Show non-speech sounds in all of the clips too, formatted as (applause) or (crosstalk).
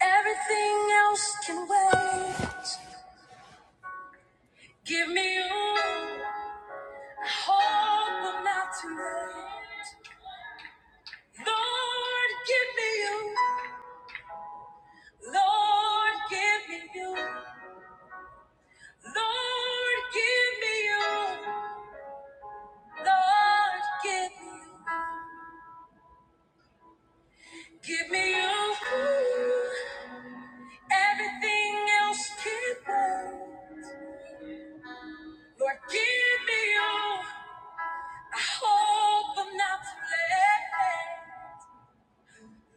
Everything else can wait. Give me you. I hope I'm not too late. Lord, give me you. Lord, give me you. Lord, give me you. Lord, give me you. Give me you. Everything else can wait. Lord, give me you. I hope I'm not too late.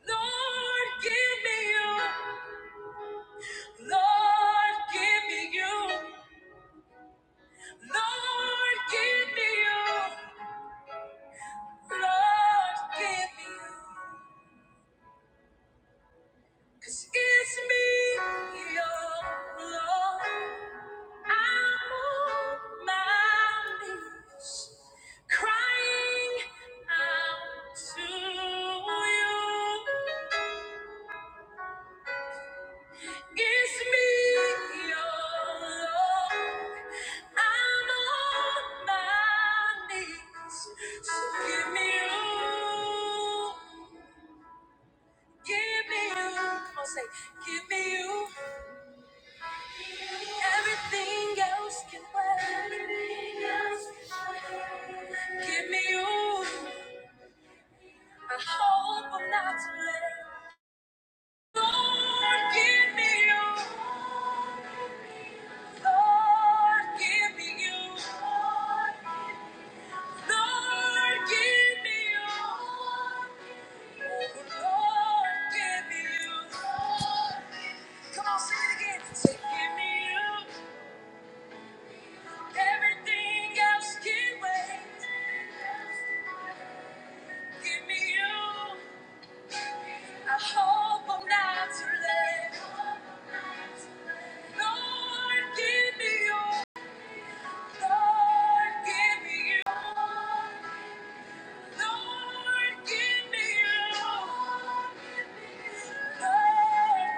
Lord, give me you. Lord, give me you. Lord, give me you. Lord, give me you. Cause it's me, your Lord. I'm on my knees, crying out to you. It's me, your Lord. I'm on my knees. So give me you. Give me you. Come on, say, give me you. Everything else can wait. Give me you. I hope I'm not too late. Lord, give me you. Lord, give me you. Lord, give me you. Lord, give me you. Come on, sing it again. Say, give me you. Everything else can wait. Give me you. I hope I'm not too late. Lord, give me you. Lord, give me you. Lord, give me you.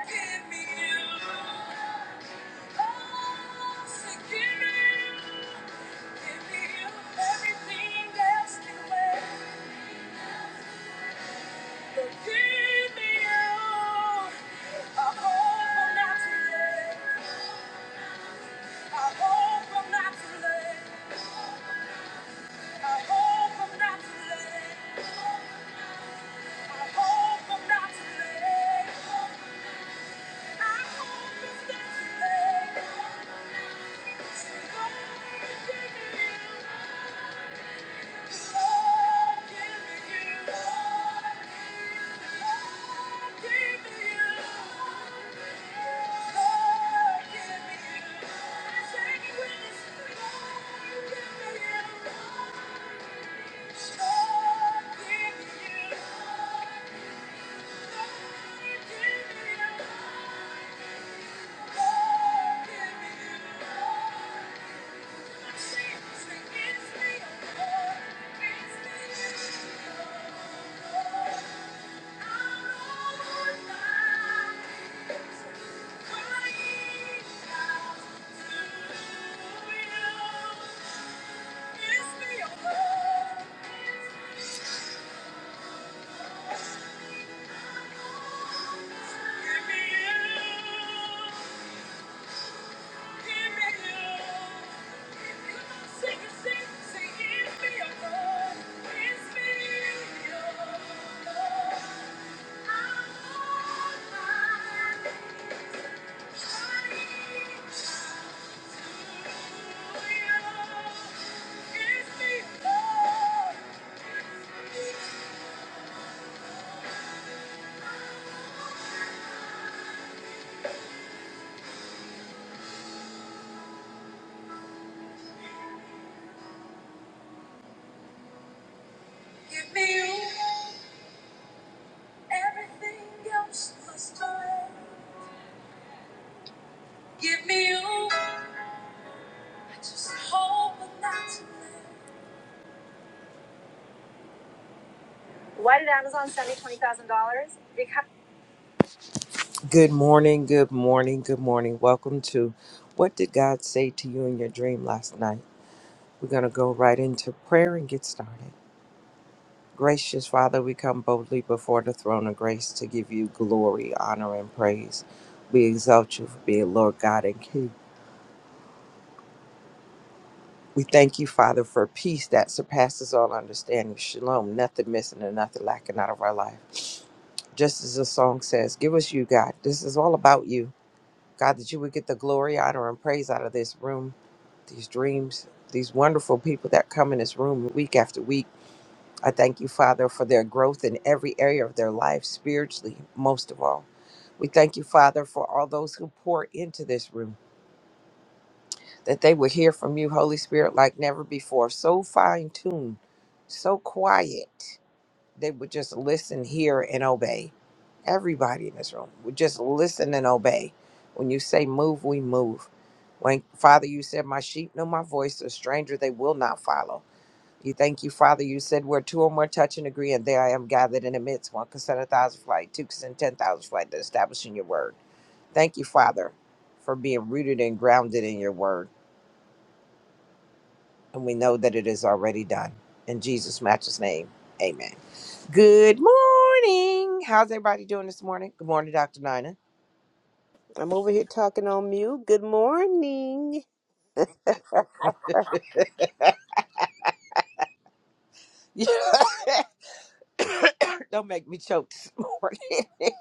give me you. Oh, give me you. Give me you. Everything else can wait. But give me you. I hope I'm not too late. I hope I'm not too late. I hope I'm not too late. I hope I'm not too late. Thank you. Give me you. Give me you. Everything else must burn. Give me you. I just hope I'm not too late. Why did Amazon send me twenty thousand dollars? Because Good morning, good morning, good morning. Welcome to What Did God Say to You in Your Dream Last Night? We're gonna go right into prayer and get started. Gracious Father, we come boldly before the throne of grace to give you glory, honor, and praise. We exalt you for being Lord God and King. We thank you, Father, for peace that surpasses all understanding. Shalom, nothing missing and nothing lacking out of our life. Just as the song says, give us you, God. This is all about you. God, that you would get the glory, honor, and praise out of this room, these dreams, these wonderful people that come in this room week after week. I thank you, Father, for their growth in every area of their life, spiritually, most of all. We thank you, Father, for all those who pour into this room, that they will hear from you, Holy Spirit, like never before. So fine tuned, so quiet they would just listen, hear, and obey. Everybody in this room would just listen and obey. When you say move, we move. When Father, you said, My sheep know my voice, a stranger they will not follow. You thank you, Father. You said, Where two or more touch and agree, and there I am gathered in the midst. One consent a thousand flight, two consent ten thousand flight, to establishing your word. Thank you, Father, for being rooted and grounded in your word. And we know that it is already done. In Jesus' matchless name, amen. Good morning. How's everybody doing this morning? Good morning, Dr. Nina. I'm over here talking on mute. Good morning. (laughs) Don't make me choke this morning. (laughs)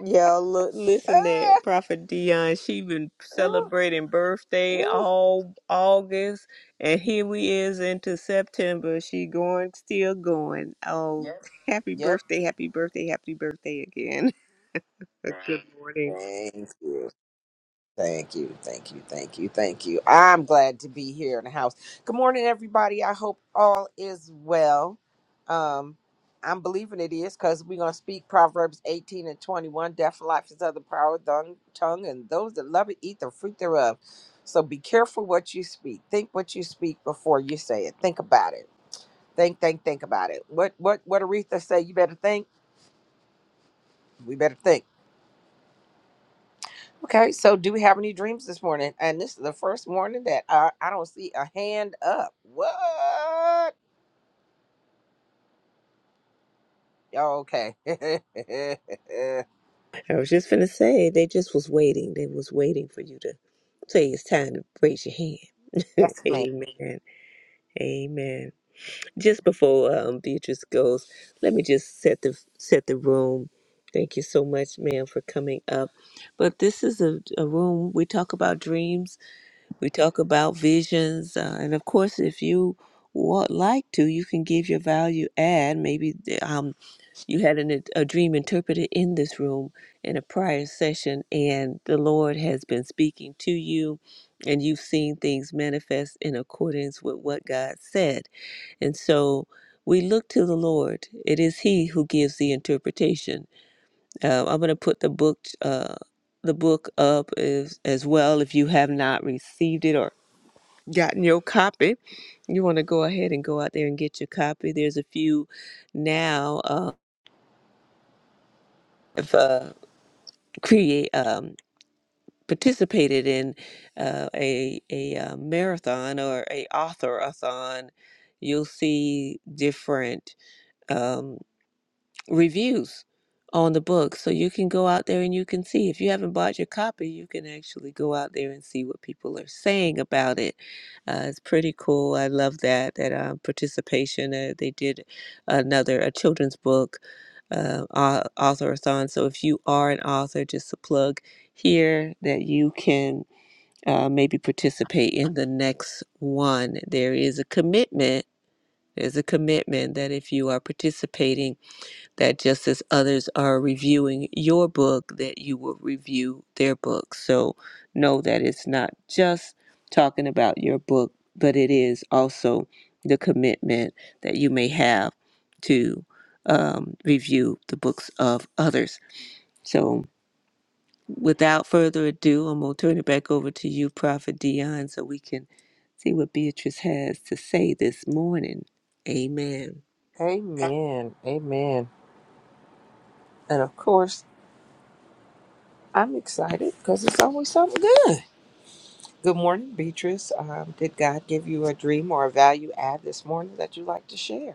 Y'all look listen to Ah, Prophet Dion. She been Ooh. celebrating birthday ooh, all August and here we is into September. She going still going. Oh Yep. happy yep. birthday, happy birthday, happy birthday again. (laughs) Good morning. Thank you. Thank you, thank you, thank you, thank you. I'm glad to be here in the house. Good morning, everybody. I hope all is well. Um, I'm believing it is because we're gonna speak Proverbs 18 and 21. Death and life is of the power of the tongue, and those that love it eat the fruit thereof. So be careful what you speak. Think what you speak before you say it. Think about it. Think, think, think about it. What, what, what Aretha say? You better think. We better think. Okay, so do we have any dreams this morning? And this is the first morning that I, I don't see a hand up. What? Oh, okay. (laughs) yes, I was just finna say they just was waiting. They was waiting for you to say it's time to raise your hand. (laughs) ma'am. Amen. Amen. just before um, Beatrice goes, let me just set the set the room. Thank you so much, ma'am, for coming up. But this is a, a room we talk about dreams, we talk about visions, uh, and of course, if you would like to, you can give your value add. Maybe um, you had an, a dream interpreted in this room in a prior session, and the Lord has been speaking to you, and you've seen things manifest in accordance with what God said and so we look to the Lord. It is He who gives the interpretation. Uh, I'm going to put the book, uh, the book up as, as well. If you have not received it or gotten your copy, you want to go ahead and go out there and get your copy. There's a few now uh, have uh, create um, participated in uh, a a uh, marathon or a author-a-thon. You'll see different Um, reviews on the book. So you can go out there and you can see. If you haven't bought your copy, you can actually go out there and see what people are saying about it. Uh, it's pretty cool. I love that that um, participation. Uh, they did another a children's book uh, au- author-a-thon. So if you are an author, just a plug here that you can. Uh, maybe participate in the next one. There is a commitment. There's a commitment that if you are participating that just as others are reviewing your book, that you will review their book. So know that it's not just talking about your book, but it is also the commitment that you may have to um, review the books of others. So without further ado, I'm going to turn it back over to you, Prophet Dion, so we can see what Beatrice has to say this morning. Amen. Amen. Amen. And of course, I'm excited because it's always something good. Good morning, Beatrice. Um, did God give you a dream or a value add this morning that you'd like to share?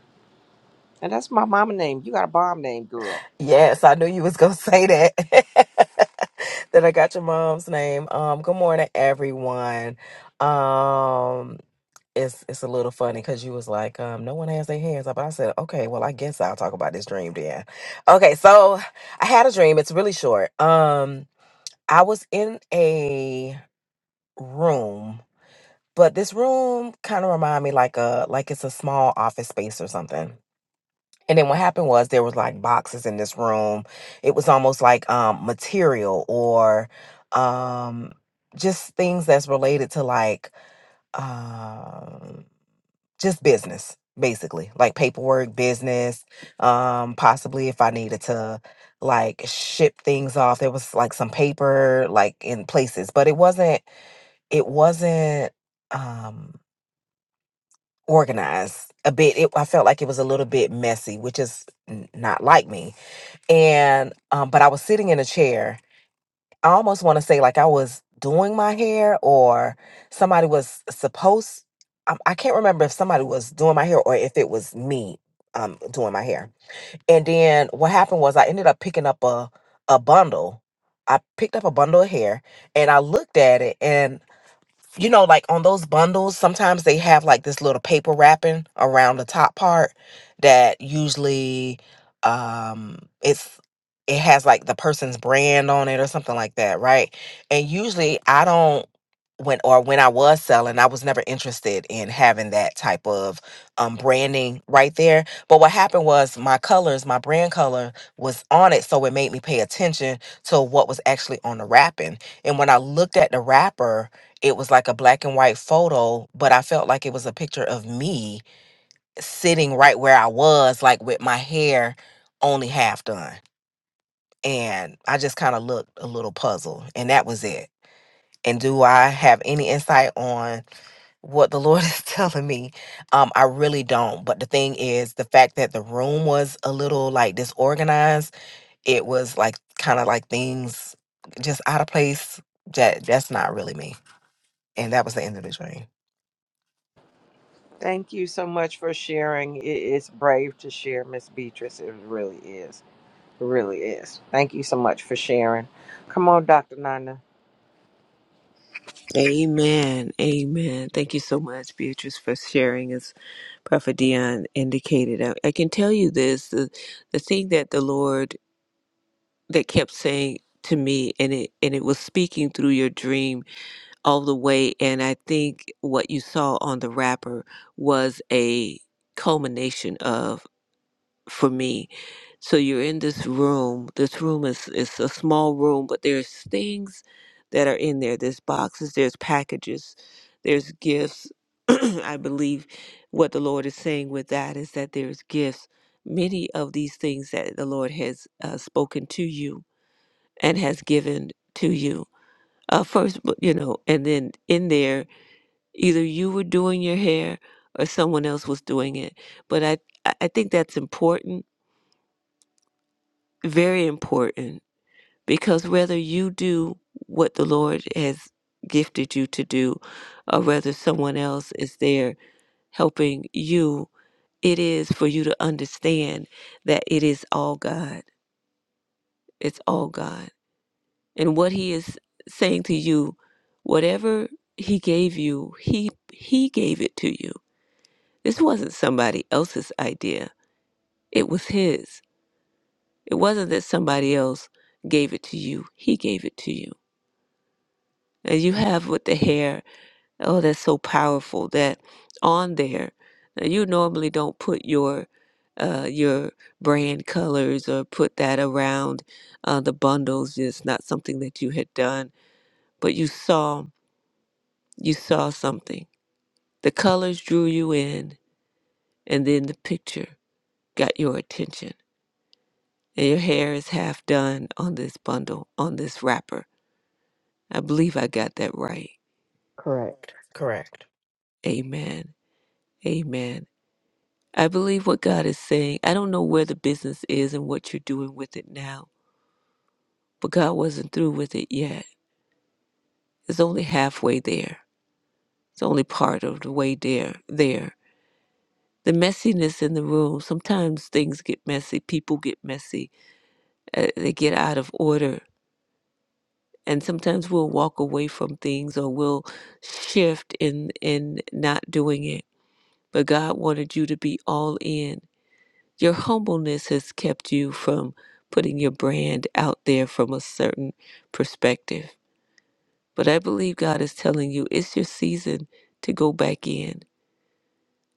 And that's my mama name. You got a bomb name, girl. Yes, I knew you was gonna say that. (laughs) that I got your mom's name. Um, good morning, everyone. Um, it's it's a little funny because you was like, um, no one has their hands up. I said, okay, well, I guess I'll talk about this dream then. Okay, so I had a dream. It's really short. Um, I was in a room, but this room kind of remind me like a like it's a small office space or something and then what happened was there was like boxes in this room. It was almost like um material or um just things that's related to like um just business basically like paperwork business um possibly if i needed to like ship things off there was like some paper like in places but it wasn't it wasn't um organized a bit it, i felt like it was a little bit messy which is n- not like me and um but i was sitting in a chair i almost want to say like i was doing my hair or somebody was supposed I, I can't remember if somebody was doing my hair or if it was me um doing my hair and then what happened was i ended up picking up a a bundle i picked up a bundle of hair and i looked at it and you know, like on those bundles, sometimes they have like this little paper wrapping around the top part that usually um it's it has like the person's brand on it or something like that, right? And usually I don't when or when I was selling, I was never interested in having that type of um branding right there. But what happened was my colors, my brand color was on it, so it made me pay attention to what was actually on the wrapping. And when I looked at the wrapper, it was like a black and white photo, but I felt like it was a picture of me sitting right where I was, like with my hair only half done. And I just kind of looked a little puzzled, and that was it. And do I have any insight on what the Lord (laughs) is telling me? Um, I really don't. But the thing is, the fact that the room was a little like disorganized, it was like kind of like things just out of place. That that's not really me. And that was the end of the dream. Thank you so much for sharing. It- It's brave to share, Miss Beatrice. It really is. It really is. Thank you so much for sharing. Come on, Dr. Nina. Amen. Amen. Thank you so much, Beatrice, for sharing, as Prophet Dion indicated. I, I can tell you this the, the thing that the Lord that kept saying to me and it and it was speaking through your dream all the way and I think what you saw on the wrapper was a culmination of for me. So you're in this room. This room is is a small room, but there's things that are in there. There's boxes, there's packages, there's gifts. (clears throat) I believe what the Lord is saying with that is that there's gifts. Many of these things that the Lord has uh, spoken to you and has given to you. Uh, first, but, you know, and then in there, either you were doing your hair or someone else was doing it. But I, I I think that's important very important because whether you do what the Lord has gifted you to do, or whether someone else is there helping you, it is for you to understand that it is all God. It's all God. And what He is saying to you, whatever He gave you, He He gave it to you. This wasn't somebody else's idea. It was His. It wasn't that somebody else gave it to you. He gave it to you. And you have with the hair. Oh, that's so powerful that on there, uh, you normally don't put your uh, your brand colors or put that around uh, the bundles. It's not something that you had done, but you saw you saw something. The colors drew you in, and then the picture got your attention. And your hair is half done on this bundle, on this wrapper. I believe I got that right. Correct. Correct. Amen. Amen. I believe what God is saying. I don't know where the business is and what you're doing with it now, but God wasn't through with it yet. It's only halfway there. It's only part of the way there. There. The messiness in the room. Sometimes things get messy. People get messy. Uh, they get out of order, and sometimes we'll walk away from things or we'll shift in in not doing it. But God wanted you to be all in Your humbleness has kept you from putting your brand out there from a certain perspective. But I believe God is telling you it's your season to go back in.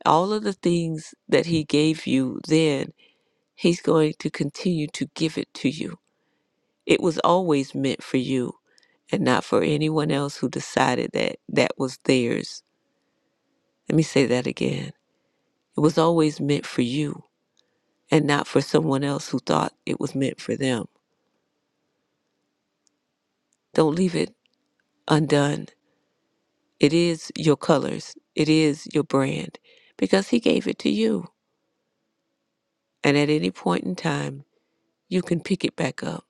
All of the things that He gave you then, He's going to continue to give it to you. It was always meant for you and not for anyone else who decided that that was theirs. Let me say that again. It was always meant for you and not for someone else who thought it was meant for them. Don't leave it undone It is your colors. It is your brand because He gave it to you. And at any point in time, you can pick it back up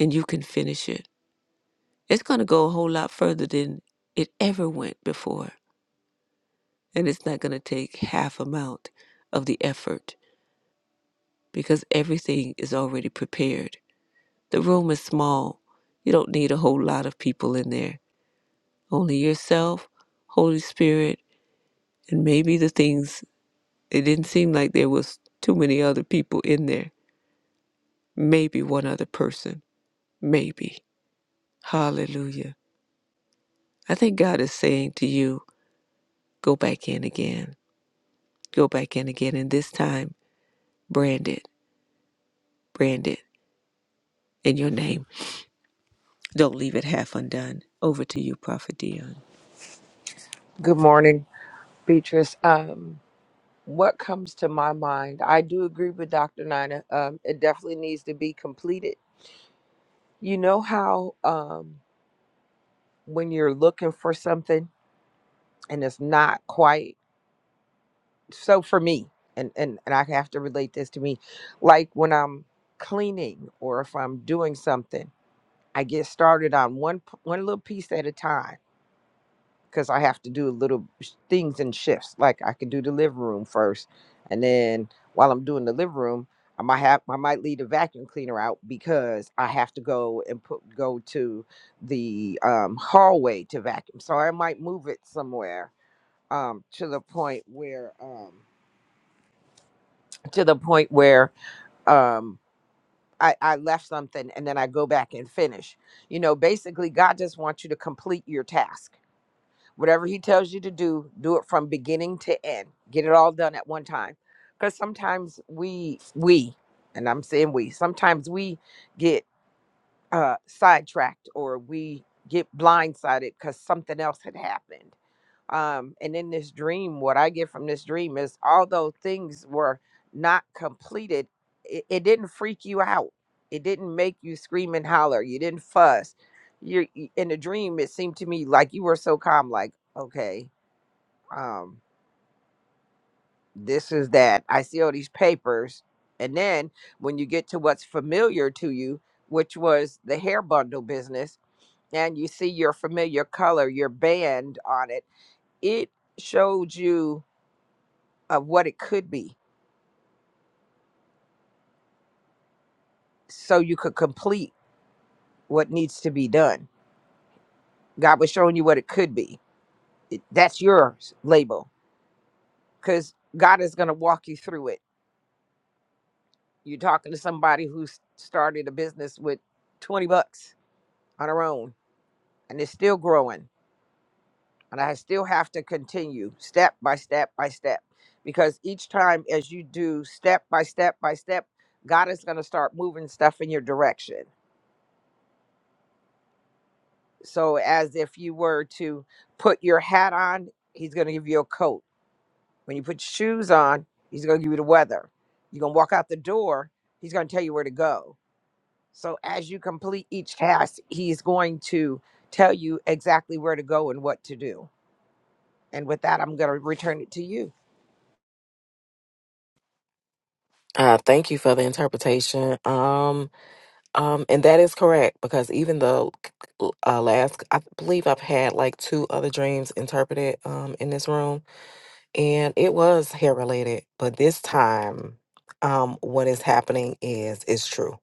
and you can finish it. It's going to go a whole lot further than it ever went before. And it's not going to take half amount of the effort because everything is already prepared. The room is small. You don't need a whole lot of people in there. Only yourself, Holy Spirit, and maybe the things. It didn't seem like there was too many other people in there maybe one other person, maybe. Hallelujah. I think God is saying to you, go back in again, go back in again, and this time, brand it, brand it in your name. Don't leave it half undone. Over to you, Prophet Dion. Good morning, Beatrice. Um, what comes to my mind? I do agree with Dr. Nina. Um, it definitely needs to be completed. You know how um, when you're looking for something and it's not quite so for me, and, and, and I have to relate this to me, like when I'm cleaning or if I'm doing something, I get started on one p- one little piece at a time because I have to do little sh- things in shifts. Like I could do the living room first, and then while I'm doing the living room, I might have I might leave the vacuum cleaner out because I have to go and put go to the um, hallway to vacuum. So I might move it somewhere um, to the point where um, to the point where um, I, I left something and then I go back and finish. You know, basically, God just wants you to complete your task Whatever he tells you to do, do it from beginning to end. Get it all done at one time. Because sometimes we, we, and I'm saying we, sometimes we get uh, sidetracked or we get blindsided because something else had happened. Um, and in this dream, what I get from this dream is although things were not completed, it, it didn't freak you out. It didn't make you scream and holler. You didn't fuss. You're y- in the dream. It seemed to me like you were so calm, like, okay, um, this is that. I see all these papers. And then when you get to what's familiar to you, which was the hair bundle business, and you see your familiar color, your band on it, it showed you of what it could be so you could complete what needs to be done. God was showing you what it could be. That's your label because God is going to walk you through it. You're talking to somebody who started a business with 20 bucks on her own and it's still growing and I still have to continue step by step by step because each time as you do step by step by step, God is going to start moving stuff in your direction. So as if you were to put your hat on, he's going to give you a coat. When you put your shoes on, he's going to give you the weather. You're going to walk out the door, he's going to tell you where to go. So as you complete each task, he's going to tell you exactly where to go and what to do. And with that, I'm going to return it to you. Uh, thank you for the interpretation. Um, um, and that is correct because even though, uh, last, I believe I've had like two other dreams interpreted um, in this room. and it was hair related but this time um what is happening is is true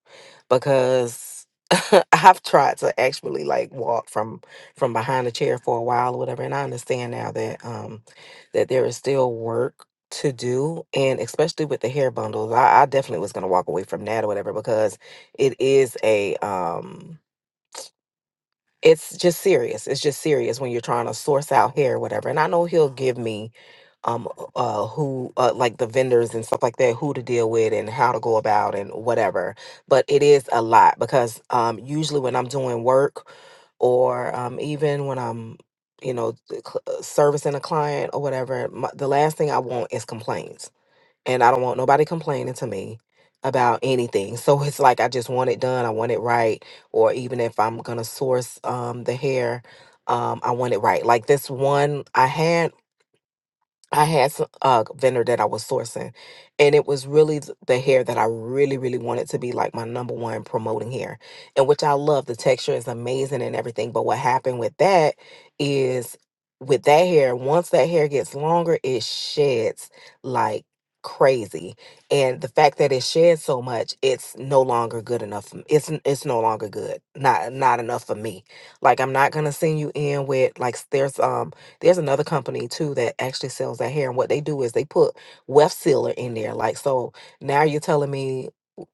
because (laughs) i've tried to actually like walk from from behind a chair for a while or whatever and i understand now that um that there is still work to do and especially with the hair bundles i, I definitely was going to walk away from that or whatever because it is a um it's just serious. It's just serious when you're trying to source out hair or whatever. And I know he'll give me um uh who uh, like the vendors and stuff like that who to deal with and how to go about and whatever. But it is a lot because um usually when I'm doing work or um even when I'm you know c- cl- uh, servicing a client or whatever, my, the last thing I want is complaints and I don't want nobody complaining to me about anything. So it's like I just want it done. I want it right. Or even if I'm gonna source um the hair, um, I want it right. Like this one I had I had some, a vendor that I was sourcing, and it was really th- the hair that I really, really wanted to be like my number one promoting hair, and which I love. The texture is amazing and everything. But what happened with that is with that hair, once that hair gets longer, it sheds like crazy. And the fact that it sheds so much, it's no longer good enough. for m- It's n- it's no longer good. Not not enough for me. Like I'm not gonna send you in with like s- there's um there's another company too that actually sells that hair, and what they do is they put weft sealer in there. Like so, now you're telling me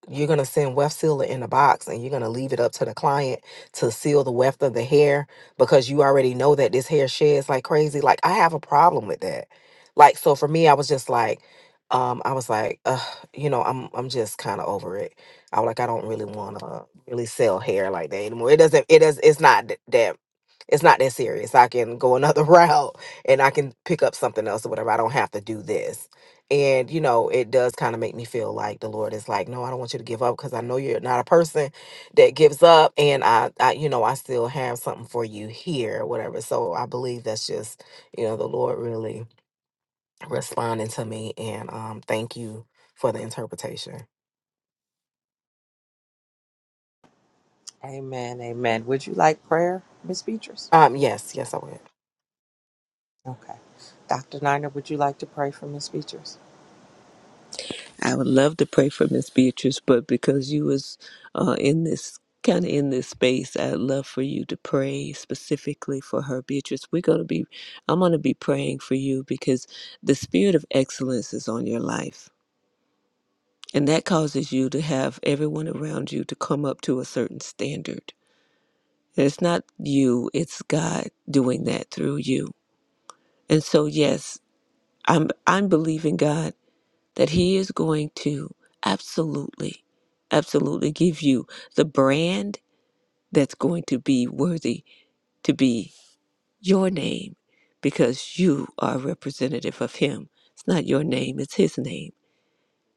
you're gonna send weft sealer in a box, and you're gonna leave it up to the client to seal the weft of the hair because you already know that this hair sheds like crazy. Like I have a problem with that. Like so, for me, I was just like. Um, I was like, uh, you know, I'm I'm just kind of over it. I was like, I don't really want to really sell hair like that anymore. It doesn't. It does. It's not th- that. It's not that serious. I can go another (laughs) route and I can pick up something else or whatever. I don't have to do this. And, you know, it does kind of make me feel like the Lord is like, no, I don't want you to give up because I know you're not a person that gives up. And I, I, you know, I still have something for you here, or whatever. So I believe that's just, you know, the Lord really responding to me. And um, thank you for the interpretation. Amen. Amen. Would you like prayer, Miss Beatrice? Um, yes, yes, I will. Okay. Dr. Niner, would you like to pray for Miss Beatrice? I would love to pray for Miss Beatrice, but because you was uh, in this kind of in this space, I'd love for you to pray specifically for her, Beatrice. We're gonna be, I'm gonna be praying for you because the spirit of excellence is on your life And that causes you to have everyone around you to come up to a certain standard. And it's not you, it's God doing that through you. And so yes, I'm I'm believing God that He is going to absolutely, absolutely give you the brand that's going to be worthy to be your name because you are representative of him. It's not your name, it's his name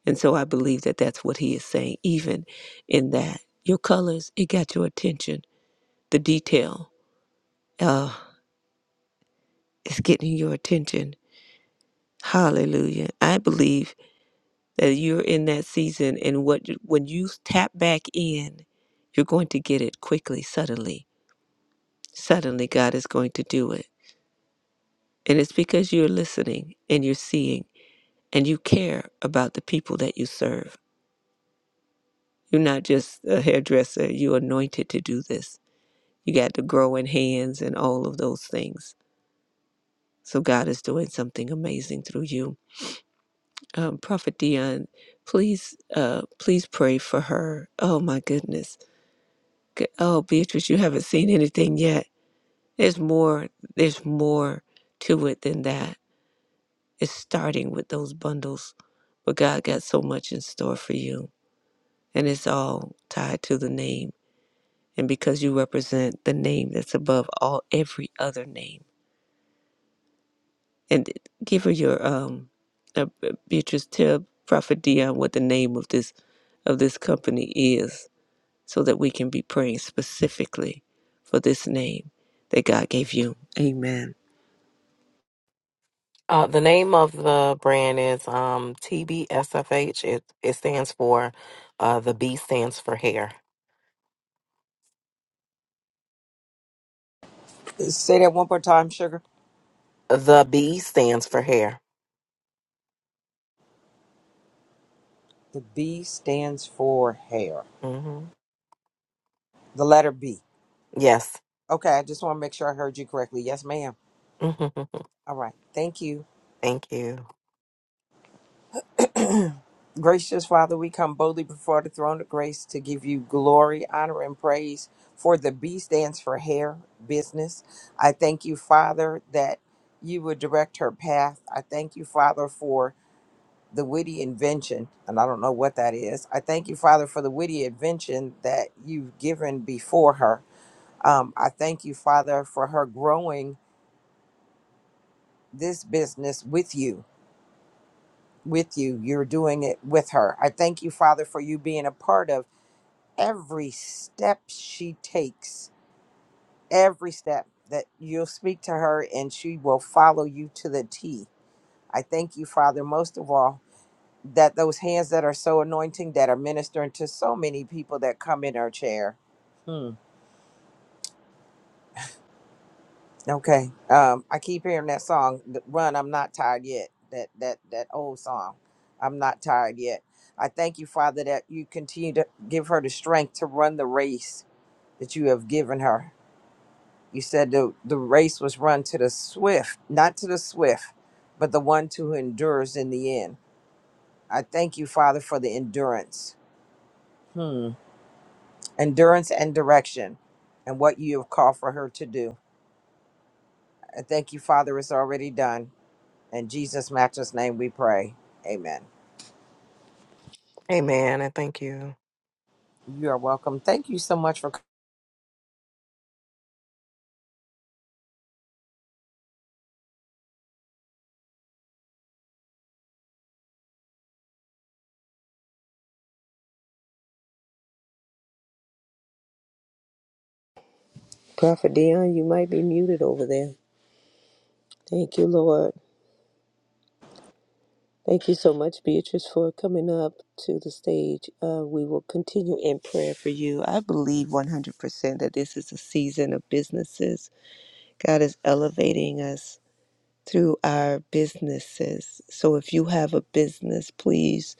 And so I believe that that's what he is saying, even in that. Your colors, it got your attention. The detail, uh, it's getting your attention. Hallelujah. I believe that you're in that season, and what you- when you tap back in, you're going to get it quickly, suddenly. Suddenly, God is going to do it. And it's because you're listening and you're seeing and you care about the people that you serve. You're not just a hairdresser, you're anointed to do this You got the growing hands and all of those things. So God is doing something amazing through you. Um, Prophet Dion, please, uh, please pray for her. Oh my goodness. G- Oh, Beatrice, you haven't seen anything yet. There's more. There's more to it than that. It's starting with those bundles, but God got so much in store for you, and it's all tied to the name. And because you represent the name that's above all every other name and give her your um uh, uh, Beatrice tell Prophet Dion what the name of this of this company is so that we can be praying specifically for this name that God gave you. Amen. Uh, the name of the brand is um, TBSFH. It it stands for uh, the B stands for hair. Say that one more time, sugar. The B stands for hair. The B stands for hair. hmm The letter B. Yes. Okay, I just want to make sure I heard you correctly. Yes, ma'am. (laughs) Thank All right. Thank you. you. Gracious Father, we come boldly before the throne of grace to give you glory, honor, and praise. For the B stands for hair, business. I thank you, Father, that you would direct her path. I thank you, Father, for the witty invention, and I don't know what that is. I thank you, Father, for the witty invention that you've given before her. Um, I thank you, Father, for her growing this business with you. With you, you're doing it with her. I thank you, Father, for you being a part of every step she takes, every step that you'll speak to her and she will follow you to the T. I thank you, Father, most of all that those hands that are so anointing that are ministering to so many people that come in our chair. Hmm. Okay. Um, I keep hearing that song, th- "Run, I'm not tired yet." That that that old song, "I'm not tired yet." I thank you, Father, that you continue to give her the strength to run the race that you have given her. You said the the race was run to the swift, not to the swift, but the one who endures in the end. I thank you, Father, for the endurance. Hmm. endurance and direction and what you have called for her to do. I thank you, Father, it's already done. In Jesus' matchless name we pray. Amen. Amen, and thank you. You are welcome. Thank you so much for coming. Prophet Dion, you might be muted over there. Thank you, Lord. Thank you so much, Beatrice, for coming up to the stage. Uh, we will continue in prayer for you. I believe 100% that this is a season of businesses. God is elevating us through our businesses. So if you have a business, please,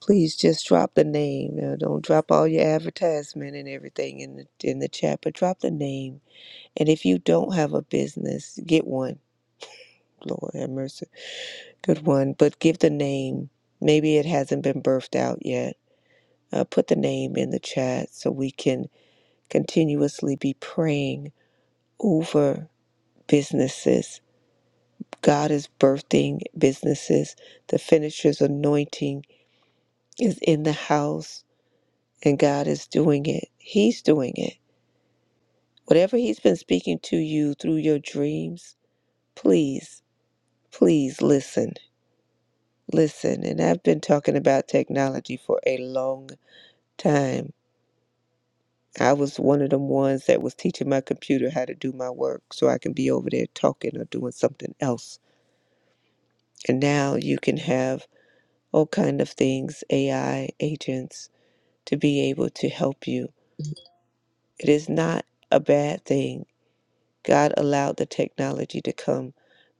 please just drop the name. Now, don't drop all your advertisement and everything in the in the chat, but drop the name. And if you don't have a business, get one. Lord have mercy, good one. But give the name. Maybe it hasn't been birthed out yet. Uh, put the name in the chat so we can continuously be praying over businesses. God is birthing businesses. The finisher's anointing is in the house and God is doing it. He's doing it. Whatever He's been speaking to you through your dreams, please, please listen. Listen. And I've been talking about technology for a long time. I was one of them ones that was teaching my computer how to do my work so I can be over there talking or doing something else. And now you can have all kind of things, AI agents, to be able to help you. It is not a bad thing God allowed the technology to come.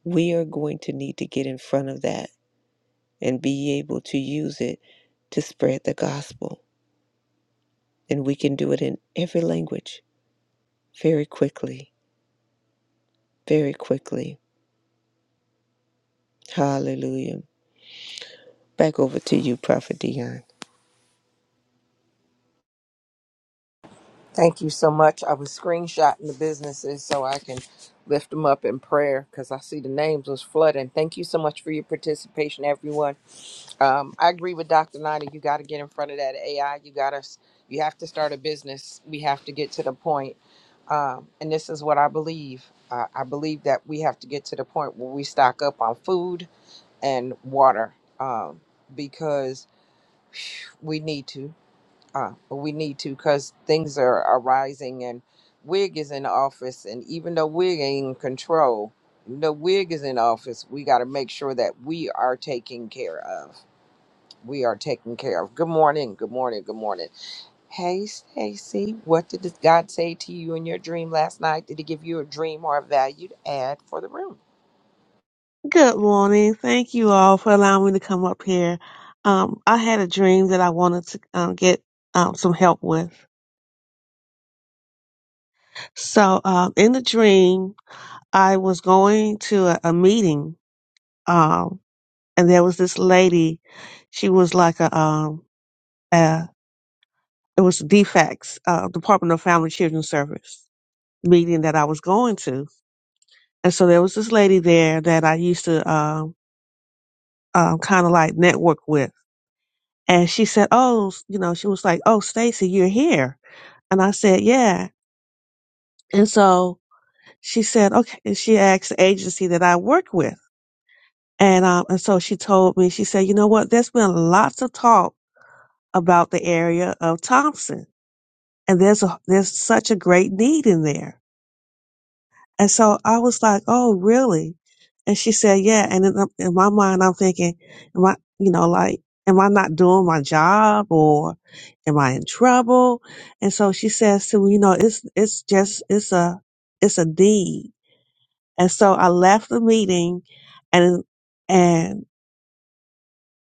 We are going to need to get in front of that and be able to use it to spread the gospel. And we can do it in every language very quickly, very quickly. Hallelujah. Back over to you, Prophet Dion. Thank you so much. I was screenshotting the businesses so I can lift them up in prayer because I see the names was flooding. Thank you so much for your participation, everyone. Um, I agree with Dr. Nina. You got to get in front of that AI. You got to, you have to start a business. We have to get to the point. Um, and this is what I believe. Uh, I believe that we have to get to the point where we stock up on food and water um, because phew, we need to. Uh, but we need to because things are arising and Wig is in office. And even though Wig ain't in control, even though Wig is in office, we got to make sure that we are taken care of. We are taken care of. Good morning. Good morning. Good morning. Hey, Stacy, what did this God say to you in your dream last night? Did he give you a dream or a value to add for the room? Good morning. Thank you all for allowing me to come up here. Um, I had a dream that I wanted to um, get um, some help with. So, um, in the dream, I was going to a, a meeting, um, and there was this lady. She was like a, um, uh it was DFACS, uh, Department of Family Children Service meeting that I was going to. And so there was this lady there that I used to, um, um, kind of like network with And she said, Oh, you know, she was like, Oh, Stacy, you're here. And I said, Yeah. And so she said, Okay. And she asked the agency that I work with. And, um, and so she told me, she said, you know what? There's been lots of talk about the area of Thompson and there's a, there's such a great need in there. And so I was like, oh, really? And she said, yeah. And in, in my mind, I'm thinking, am I, you know, like, am I not doing my job or am I in trouble? And so she says to me, you know, it's, it's just, it's a, it's a deed. And so I left the meeting and, and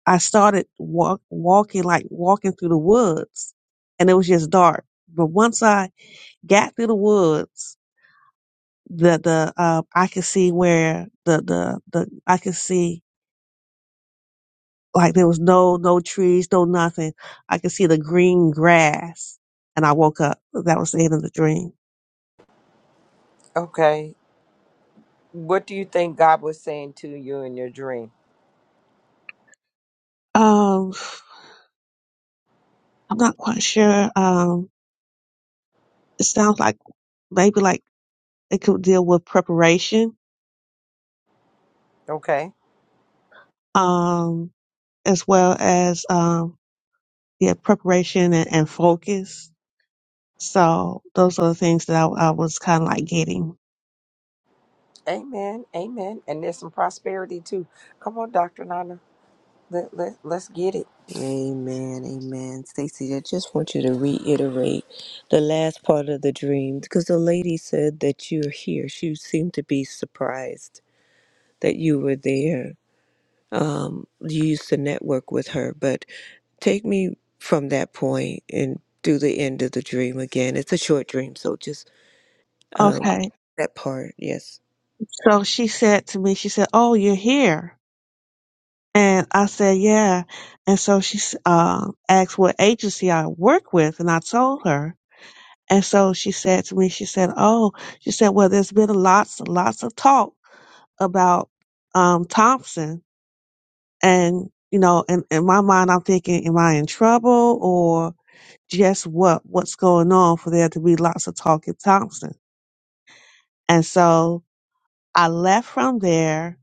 I started walk, walking, like walking through the woods and it was just dark. But once I got through the woods, the the uh, I could see where the the the I could see like there was no no trees, no nothing. I could see the green grass, and I woke up. That was the end of the dream. Okay. What do you think God was saying to you in your dream? Um, I'm not quite sure. Um, it sounds like maybe like it could deal with preparation, Okay. um, as well as um, yeah, preparation and, and focus. So those are the things that I, I was kind of like getting. Amen. Amen. And there's some prosperity too. Come on, Dr. Nana. Let, let, let's get it. Amen, amen. Stacy, I just want you to reiterate the last part of the dream because the lady said that you're here. She seemed to be surprised that you were there um, you used to network with her, but take me from that point and through the end of the dream again. It's a short dream, so just um, Okay. that part. Yes. So she said to me, she said, "Oh, you're here," and I said, "Yeah." And so she s- uh, asked what agency I work with, and I told her. And so she said to me, she said, "Oh," she said, "Well, there's been lots, and lots of talk about um, Thompson, and you know, in, in my mind, I'm thinking, am I in trouble or just what what's going on for there to be lots of talk at Thompson?" And so I left from there,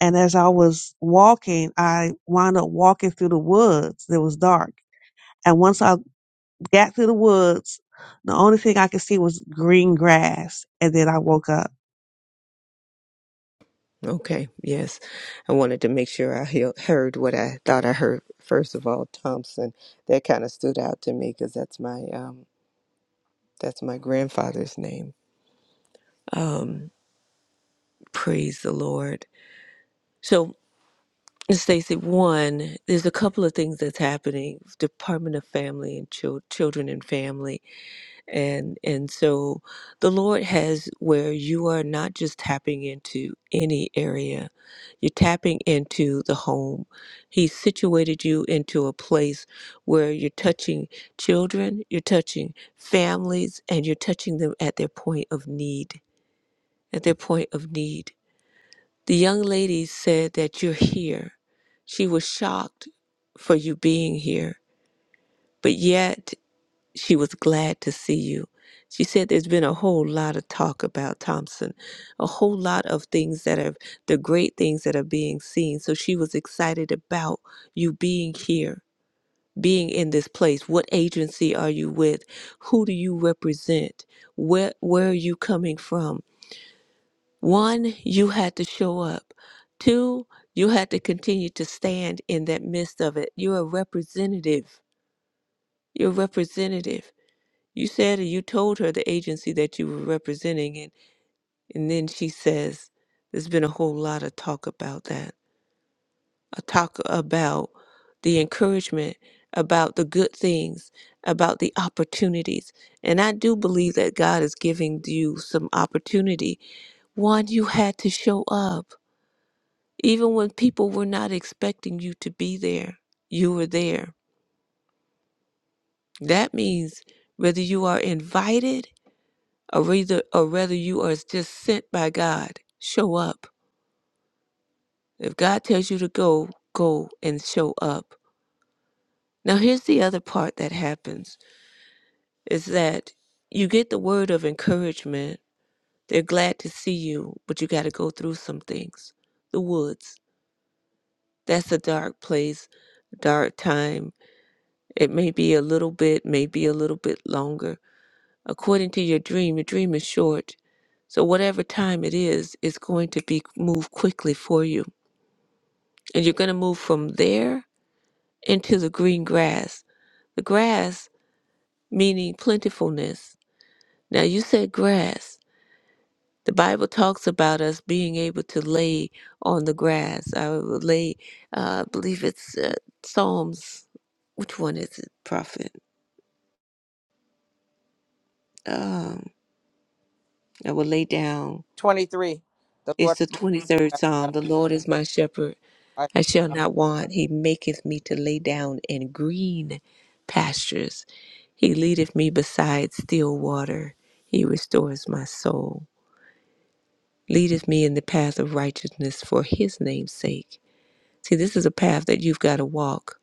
and as I was walking, I wound up walking through the woods. It was dark, and once I got through the woods, the only thing I could see was green grass, and then I woke up. Okay. Yes. I wanted to make sure I he- heard what I thought I heard. First of all, Thompson. That kind of stood out to me because that's my um, that's my grandfather's name. Um, praise the Lord. So. Stacey, one, there's a couple of things that's happening. Department of Family and Chil- Children and Family, and and so the Lord has where you are not just tapping into any area, you're tapping into the home. He situated you into a place where you're touching children, you're touching families, and you're touching them at their point of need. At their point of need the young lady said that you're here. She was shocked for you being here, but yet she was glad to see you. She said there's been a whole lot of talk about Thompson, a whole lot of things that are the great things that are being seen. So she was excited about you being here, being in this place. What agency are you with? Who do you represent? Where where are you coming from? One, you had to show up. Two, you had to continue to stand in that midst of it. You're a representative. You're a representative. You said and you told her the agency that you were representing, and, and then she says, There's been a whole lot of talk about that. A talk about the encouragement, about the good things, about the opportunities. And I do believe that God is giving you some opportunity. One, you had to show up. Even when people were not expecting you to be there, you were there. That means whether you are invited or whether, or whether you are just sent by God, show up. If God tells you to go, go and show up. Now, here's the other part that happens is that you get the word of encouragement. They're glad to see you, but you got to go through some things. The woods, that's a dark place, dark time It may be a little bit, may be a little bit longer. According to your dream, your dream is short. So whatever time it is, it's going to be move quickly for you. And you're going to move from there into the green grass. The grass meaning plentifulness. Now you said grass. The Bible talks about us being able to lay on the grass. I will lay, uh, I believe it's uh, Psalms. Which one is it, prophet? Um, I will lay down 23. The It's Lord the is 23rd my Psalm. The Lord is my shepherd. shepherd. I shall not want. He maketh me to lay down in green pastures. He leadeth me beside still water. He restores my soul. Leadeth me in the path of righteousness for his name's sake. See, this is a path that you've got to walk.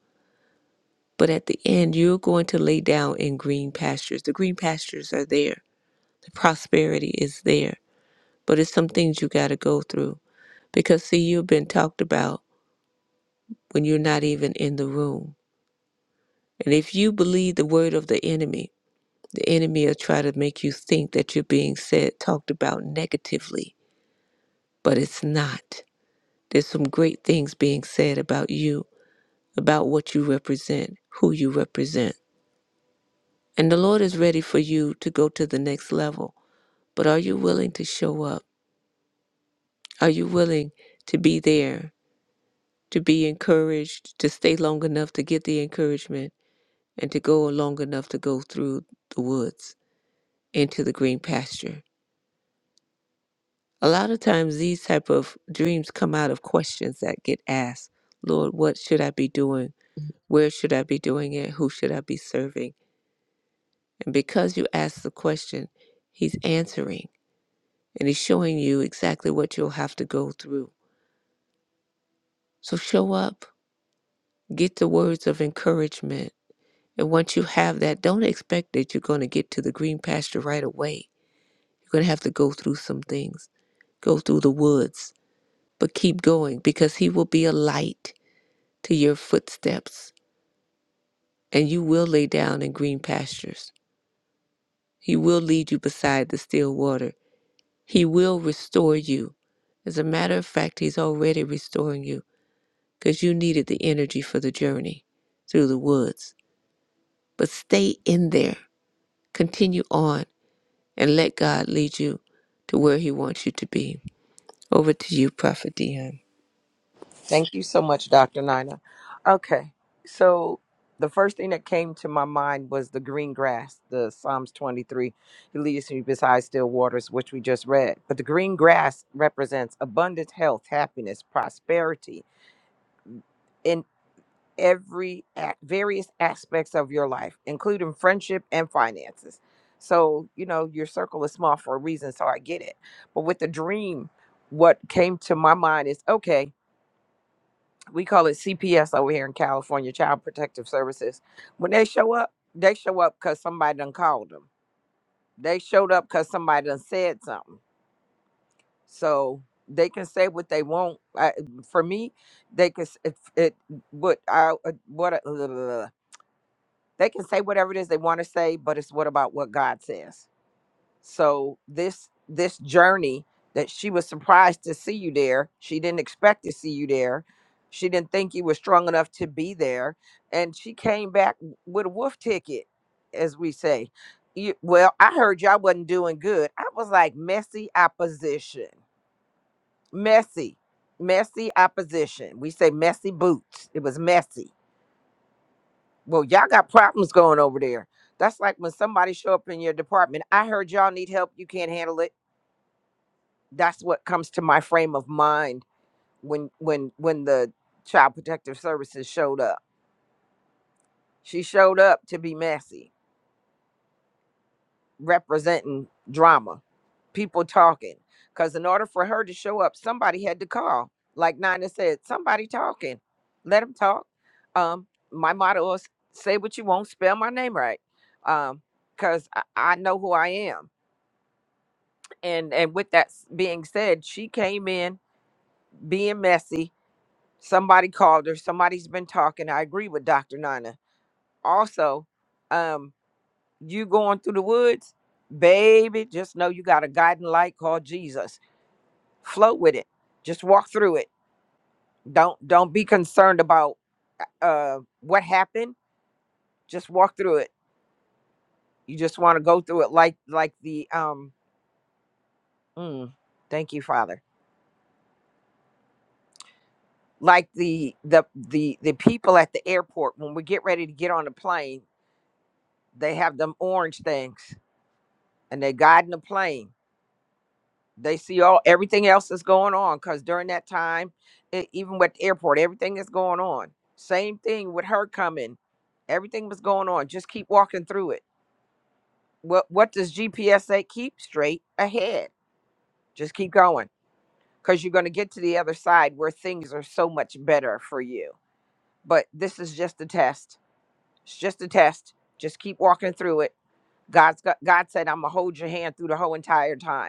But at the end, you're going to lay down in green pastures. The green pastures are there, the prosperity is there. But it's some things you got to go through. Because, see, you've been talked about. when you're not even in the room. And if you believe the word of the enemy, the enemy will try to make you think that you're being said, talked about negatively, but it's not. There's some great things being said about you, about what you represent, who you represent. And the Lord is ready for you to go to the next level. But are you willing to show up? Are you willing to be there, to be encouraged, to stay long enough to get the encouragement, and to go long enough to go through the woods? into the green pasture. A lot of times these type of dreams come out of questions that get asked. Lord, what should I be doing? Where should I be doing it? Who should I be serving? And because you ask the question, he's answering and he's showing you exactly what you'll have to go through. So show up, get the words of encouragement. And once you have that, don't expect that you're going to get to the green pasture right away. You're going to have to go through some things, go through the woods but keep going because he will be a light to your footsteps and you will lay down in green pastures. He will lead you beside the still water. He will restore you. As a matter of fact, he's already restoring you because you needed the energy for the journey through the woods. But stay in there, continue on, and let God lead you to where he wants you to be. Over to you, Prophet Dion. Thank you so much, Dr. Nina. Okay. So the first thing that came to my mind was the green grass, the Psalms 23. He leads me beside still waters, which we just read. But the green grass represents abundant health, happiness, prosperity. every at various aspects of your life, including friendship and finances. So, you know, your circle is small for a reason, so I get it. But with the dream, what came to my mind is okay, we call it CPS over here in California, Child Protective Services. When they show up, they show up because somebody done called them. They showed up because somebody done said something. So they can say what they want. I, for me, they could. s- If it, what I uh, what I, they can say whatever it is they want to say but it's what about what god says so this this journey that she was surprised to see you there she didn't expect to see you there she didn't think you were strong enough to be there and she came back w- with a wolf ticket as we say you, well i heard y'all wasn't doing good i was like messy opposition messy messy opposition we say messy boots it was messy well, y'all got problems going over there. That's like when somebody show up in your department. I heard y'all need help. You can't handle it. That's what comes to my frame of mind when when when the child protective services showed up. She showed up to be messy. representing drama, people talking. Because in order for her to show up, somebody had to call. Like Nina said, somebody talking. Let them talk. Um, my motto is say what you want, spell my name right. Um, because I, I know who I am. And and with that s- being said, she came in being messy. Somebody called her. Somebody's been talking. I agree with Dr. Nina. Also, um, you going through the woods, baby, just know you got a guiding light called Jesus. Float with it. Just walk through it. Don't don't be concerned about uh uh, what happened. Just walk through it. You just want to go through it like like the um mm, thank you, Father. Like the the the the people at the airport when we get ready to get on the plane, they have them orange things and they're guiding the plane they see all everything else that's going on because during that time e- even with the airport everything is going on same thing with her coming everything was going on just keep walking through it what what does gps say keep straight ahead just keep going because you're going to get to the other side where things are so much better for you but this is just a test it's just a test just keep walking through it god's got, god said i'm gonna hold your hand through the whole entire time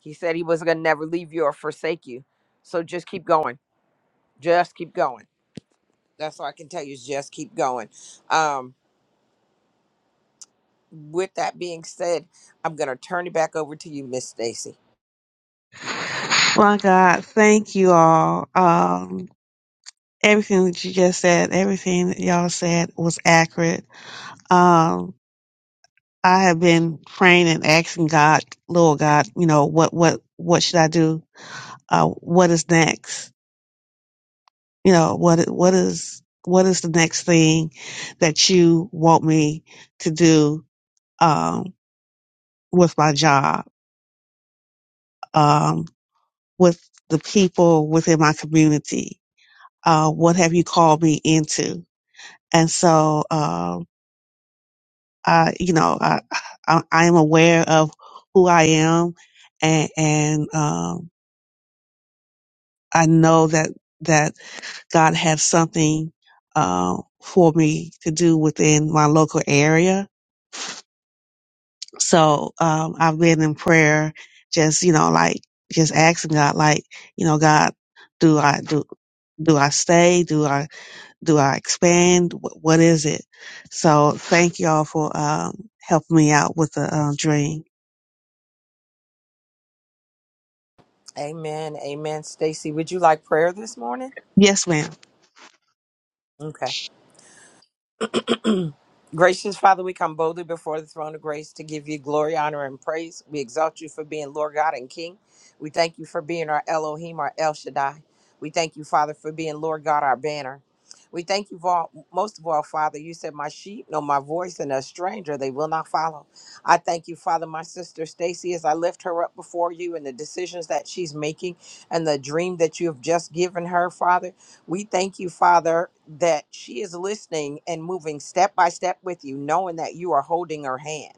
He said he was going to never leave you or forsake you. So just keep going. Just keep going. That's all I can tell you is just keep going. Um, with that being said, I'm going to turn it back over to you, Miss Stacy. My God, thank you all. Um, everything that you just said, everything that y'all said was accurate. Um, I have been praying and asking God, Lord God, you know, what, what, what should I do? uh, what is next? You know, what what is what is the next thing that you want me to do um, with my job, um, with the people within my community? Uh, what have you called me into? And so, um, I, you know, I, I I am aware of who I am, and, and um, I know that that. God have something uh, for me to do within my local area. So um, I've been in prayer, just you know, like just asking God, like you know, God, do I do do I stay? Do I do I expand? Wh- What is it? So thank y'all for um, helping me out with the um, dream. Amen. Amen. Stacy, would you like prayer this morning? Yes, ma'am. Okay. Gracious Father, we come boldly before the throne of grace to give you glory, honor, and praise. We exalt you for being Lord God and King. We thank you for being our Elohim, our El Shaddai. We thank you, Father, for being Lord God, our banner. We thank you for all, most of all, Father. You said, "My sheep know my voice, and a stranger they will not follow." I thank you, Father, my sister Stacy, as I lift her up before you and the decisions that she's making and the dream that you have just given her, Father. We thank you, Father, that she is listening and moving step by step with you, knowing that you are holding her hand.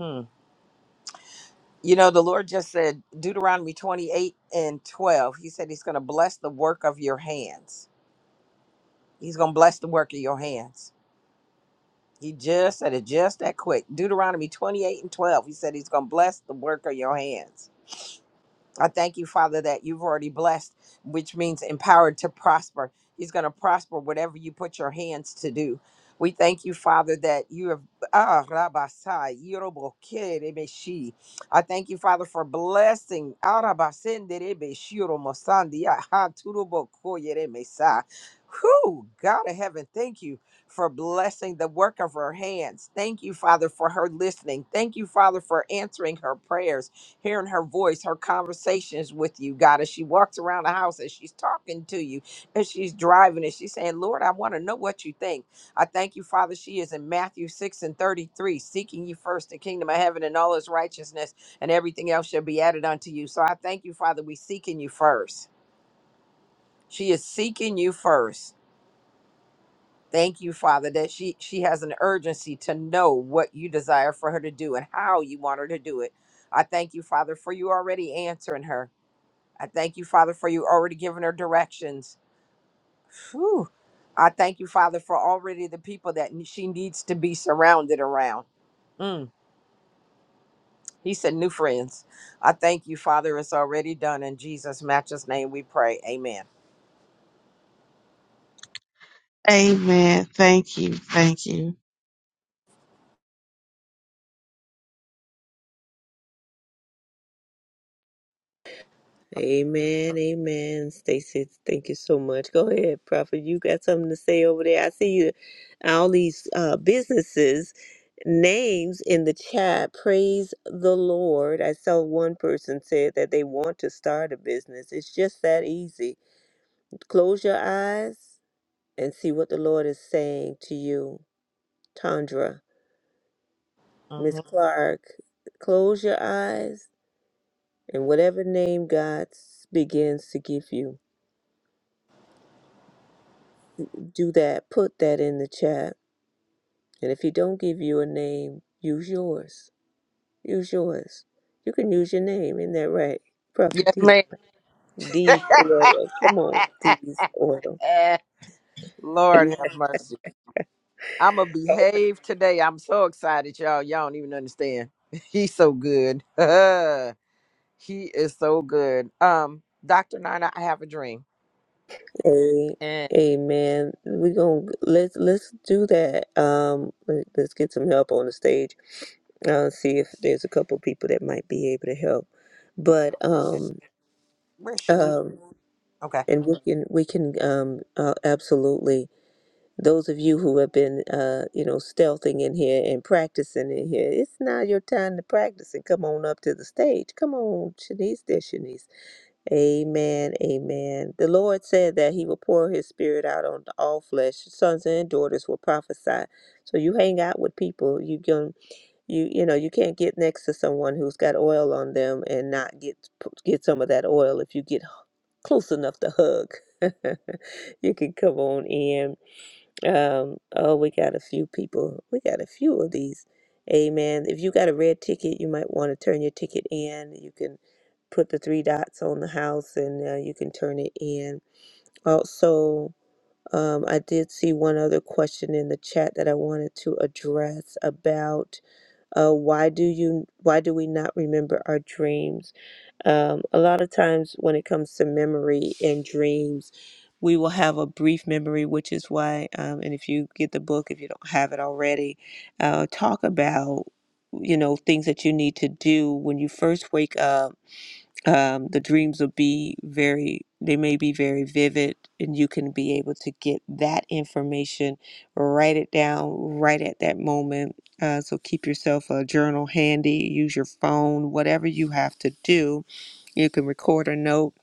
Hmm. You know, the Lord just said, Deuteronomy 28 and 12, He said He's going to bless the work of your hands. He's going to bless the work of your hands. He just said it just that quick. Deuteronomy 28 and 12, He said He's going to bless the work of your hands. I thank you, Father, that you've already blessed, which means empowered to prosper. He's going to prosper whatever you put your hands to do. We thank you, Father, that you have. Ah, Rabasai, Yorobokerebeshi. I thank you, Father, for blessing. Arabasenderebeshiromosandi, ah, Turubokoyeremesa. Whew, God of heaven, thank you for blessing the work of her hands. Thank you, Father, for her listening. Thank you, Father, for answering her prayers hearing her voice, her conversations with you, God, as she walks around the house, as she's talking to you, as she's driving, and she's saying, Lord, I want to know what you think. I thank you, Father. She is in Matthew 6 and 33, seeking you first, the kingdom of heaven and all its righteousness, and everything else shall be added unto you. So I thank you, Father, we seeking you first. She is seeking you first. Thank you, Father, that she she has an urgency to know what you desire for her to do and how you want her to do it. I thank you, Father, for you already answering her. I thank you, Father, for you already giving her directions. Whew. I thank you, Father, for already the people that she needs to be surrounded around. Mm. He said, new friends. I thank you, Father. It's already done. In Jesus' matchless name, we pray. Amen. Amen. Thank you. Thank you. Amen, amen. Stacy, thank you so much. Go ahead, Prophet. You got something to say over there? I see you all these uh, businesses names in the chat. Praise the Lord. I saw one person said that they want to start a business. It's just that easy. Close your eyes and see what the Lord is saying to you. Tandra, hmm Miss Clark, close your eyes and whatever name God begins to give you do that, put that in the chat. And if he don't give you a name, use yours. Use yours. You can use your name, isn't that right? Prophet Yes, D. ma'am. D oil. Come on, D oil. (laughs) Lord have mercy. I'm going to behave today. I'm so excited, y'all. Y'all don't even understand. (laughs) He's so good. (laughs) he is so good. Um, Dr. Nina, I have a dream. A and. amen. We gonna let's let's do that. Um let- let's get some help on the stage. Uh see if there's a couple people that might be able to help. But um Richard. um Okay. and we can we can um uh, absolutely those of you who have been uh, you know stealthing in here and practicing in here it's not your time to practice and come on up to the stage come on shanice there shanice amen amen the lord said that he will pour his spirit out on all flesh sons and daughters will prophesy so you hang out with people you can you you know you can't get next to someone who's got oil on them and not get get some of that oil if you get close enough to hug (laughs) you can come on in um, oh, we got a few people. We got a few of these. Amen. If you got a red ticket, you might want to turn your ticket in. You can put the three dots on the house and uh, you can turn it in. Also, um, I did see one other question in the chat that I wanted to address about uh, why do you? Why do we not remember our dreams? Um, a lot of times, when it comes to memory and dreams, we will have a brief memory, which is why. Um, and if you get the book, if you don't have it already, uh, talk about you know things that you need to do when you first wake up um, the dreams will be very they may be very vivid and you can be able to get that information write it down right at that moment uh, so keep yourself a journal handy use your phone whatever you have to do you can record a note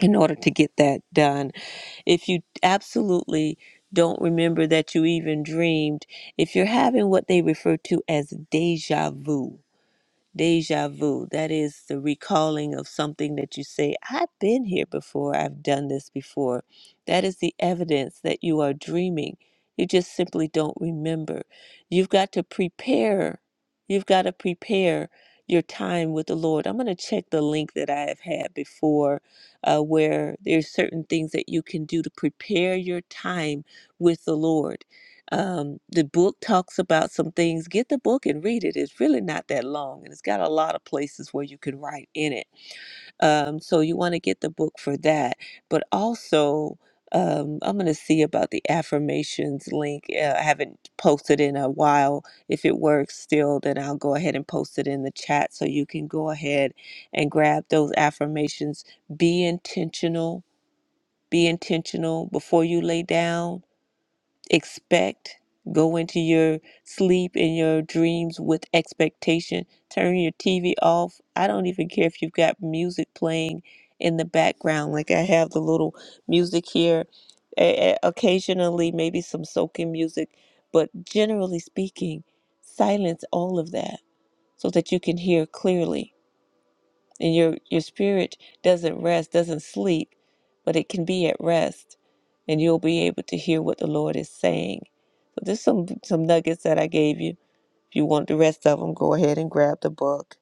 in order to get that done if you absolutely don't remember that you even dreamed if you're having what they refer to as deja vu Deja vu, that is the recalling of something that you say, I've been here before, I've done this before. That is the evidence that you are dreaming. You just simply don't remember. You've got to prepare. You've got to prepare your time with the Lord. I'm going to check the link that I have had before uh, where there's certain things that you can do to prepare your time with the Lord um, the book talks about some things. Get the book and read it. It's really not that long, and it's got a lot of places where you can write in it. Um, so you want to get the book for that. But also, um, I'm going to see about the affirmations link. Uh, I haven't posted in a while. If it works still, then I'll go ahead and post it in the chat so you can go ahead and grab those affirmations. Be intentional. Be intentional before you lay down expect go into your sleep and your dreams with expectation turn your tv off i don't even care if you've got music playing in the background like i have the little music here A- a- occasionally maybe some soaking music but generally speaking silence all of that so that you can hear clearly and your your spirit doesn't rest doesn't sleep but it can be at rest and you'll be able to hear what the lord is saying so there's some some nuggets that i gave you if you want the rest of them go ahead and grab the book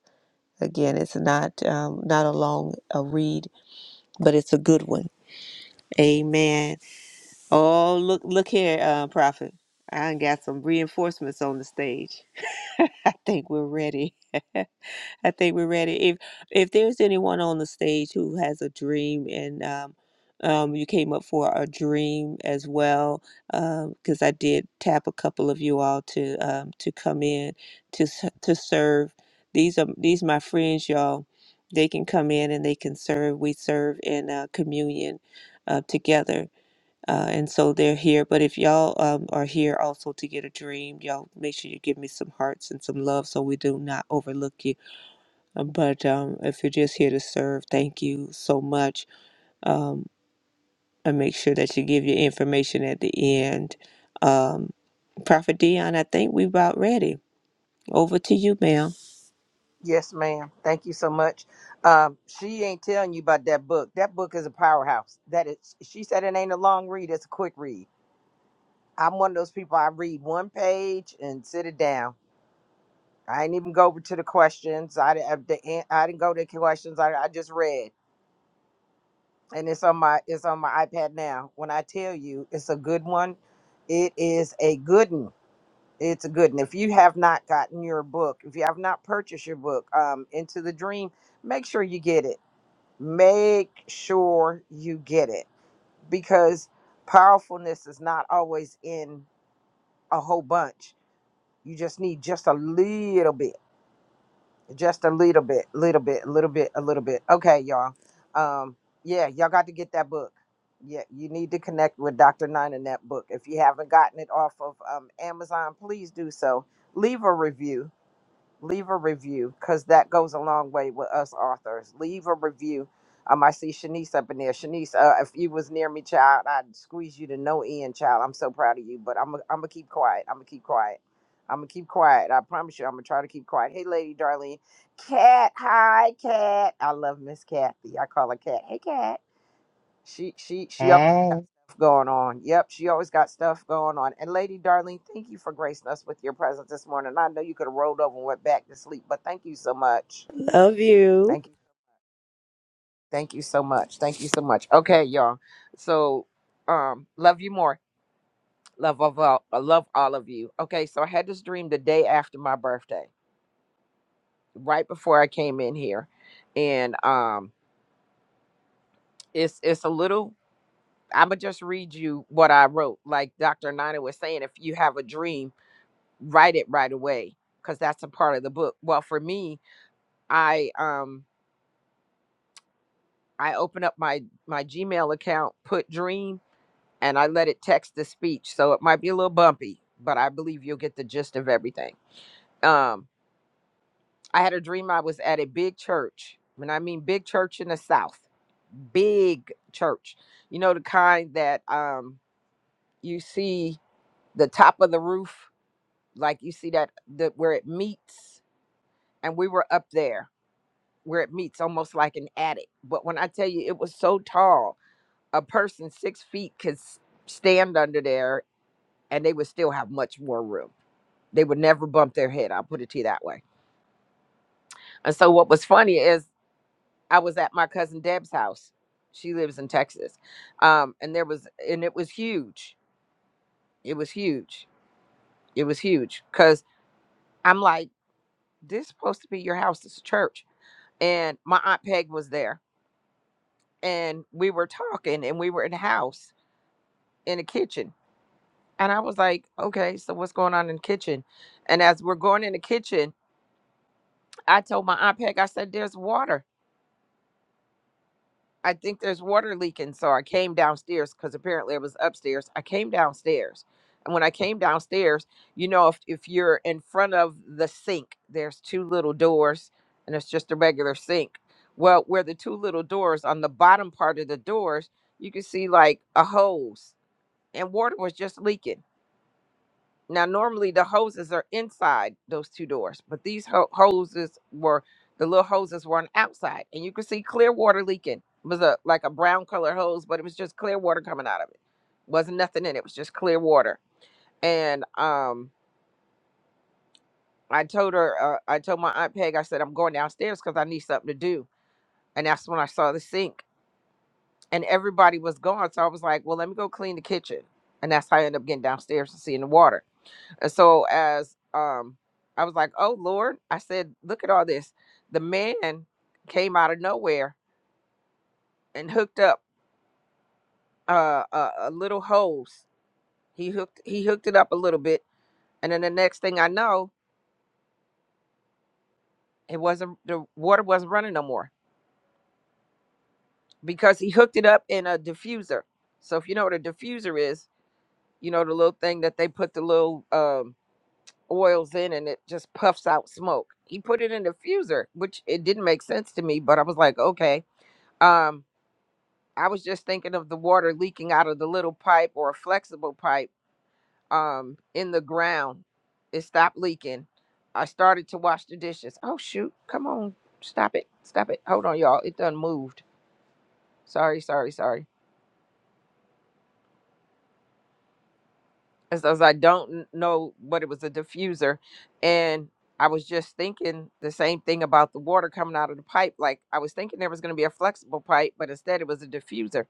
again it's not um, not a long a read but it's a good one amen oh look look here uh, prophet i done got some reinforcements on the stage (laughs) i think we're ready I think we're ready. If if there's anyone on the stage who has a dream and um, um, you came up for a dream as well, because I did tap a couple of you all to um, to come in to s- to serve. These are these my friends, y'all. They can come in and they can serve. We serve in uh, communion uh, together. Uh, and so they're here. But if y'all um, are here also to get a dream, y'all make sure you give me some hearts and some love so we do not overlook you but um, if you're just here to serve, thank you so much. Um, and make sure that you give your information at the end. Um, Prophet Dion, I think we're about ready. Over to you, ma'am. Yes, ma'am. Thank you so much. Um, she ain't telling you about that book. That book is a powerhouse. That is, she said it ain't a long read. It's a quick read. I'm one of those people. I read one page and sit it down. I ain't even go over to the questions. I didn't. have the an- I didn't go to the questions. I, I just read, and it's on my it's on my iPad now. When I tell you, it's a good one. It is a good one. It's good. And if you have not gotten your book, if you have not purchased your book, um, Into the Dream, make sure you get it. Make sure you get it because powerfulness is not always in a whole bunch. You just need just a little bit, just a little bit, little bit, a little bit, a little bit. Okay, y'all. Um, yeah, y'all got to get that book. Yeah, you need to connect with Dr. Nine in that book. If you haven't gotten it off of um, Amazon, please do so. Leave a review leave a review because that goes a long way with us authors. Leave a review. Um, I see Shanice up in there. Shanice, uh, if you was near me, child, I'd squeeze you to no end, child. I'm so proud of you, but I'm i I'm gonna keep quiet. I'm gonna keep quiet. I'm gonna keep quiet. I promise you, I'm gonna try to keep quiet. Hey, lady, Darlene, Cat, hi, Cat. I love Miss Kathy. I call her Cat. Hey, Cat. She she she always got Hey, stuff going on. Yep, she always got stuff going on. And Lady Darling, thank you for gracing us with your presence this morning. I know you could have rolled over and went back to sleep, but thank you so much. Love you. Thank you. Thank you so much. Thank you so much. Okay, y'all. So um love you more. Love of all I love all of you. Okay, so I had this dream the day after my birthday, right before I came in here. And um it's it's a little I'ma just read you what I wrote. Like Dr. Nina was saying, if you have a dream write it right away because that's a part of the book. Well, for me, I um I open up my my Gmail account, put dream, and I let it text the speech. So it might be a little bumpy, but I believe you'll get the gist of everything. Um, I had a dream I was at a big church, and I mean big church in the South, big church. You know the kind that um you see the top of the roof, like you see that the where it meets, and we were up there where it meets almost like an attic. But when I tell you it was so tall, a person six feet could s- stand under there and they would still have much more room. They would never bump their head. I'll put it to you that way. And so what was funny is I was at my cousin Deb's house. She lives in Texas. Um, and there was and it was huge. It was huge. It was huge. Cause I'm like, this is supposed to be your house. This is a church. And my Aunt Peg was there. And we were talking and we were in the house in the kitchen And I was like, okay, so what's going on in the kitchen? And as we're going in the kitchen, I told my aunt Peg, I said, there's water. I think there's water leaking. So I came downstairs because apparently it was upstairs. I came downstairs. And when I came downstairs, you know, if, if you're in front of the sink, there's two little doors and it's just a regular sink. Well, where the two little doors on the bottom part of the doors, you can see like a hose and water was just leaking. Now, normally the hoses are inside those two doors, but these ho- hoses were the little hoses were on the outside, and you could see clear water leaking. It was a like a brown colored hose, but it was just clear water coming out of it. Wasn't nothing in it. It was just clear water. And um, I told her, uh, I told my aunt Peg, I said I'm going downstairs because I need something to do, and that's when I saw the sink, and everybody was gone, so I was like, well, let me go clean the kitchen, and that's how I ended up getting downstairs and seeing the water. And so as um I was like, "Oh Lord," I said, "Look at all this." The man came out of nowhere and hooked up uh, a, a little hose. He hooked he hooked it up a little bit, and then the next thing I know, it wasn't the water wasn't running no more because he hooked it up in a diffuser. So if you know what a diffuser is, you know the little thing that they put the little um, oils in and it just puffs out smoke. He put it in a diffuser, which it didn't make sense to me, but I was like, okay. Um, I was just thinking of the water leaking out of the little pipe or a flexible pipe um in the ground. It stopped leaking. I started to wash the dishes. Oh shoot, come on. Stop it. Stop it. Hold on, y'all. It done moved. Sorry, sorry, sorry. As as I don't n- know what it was a diffuser. And I was just thinking the same thing about the water coming out of the pipe. Like I was thinking there was gonna be a flexible pipe, but instead it was a diffuser.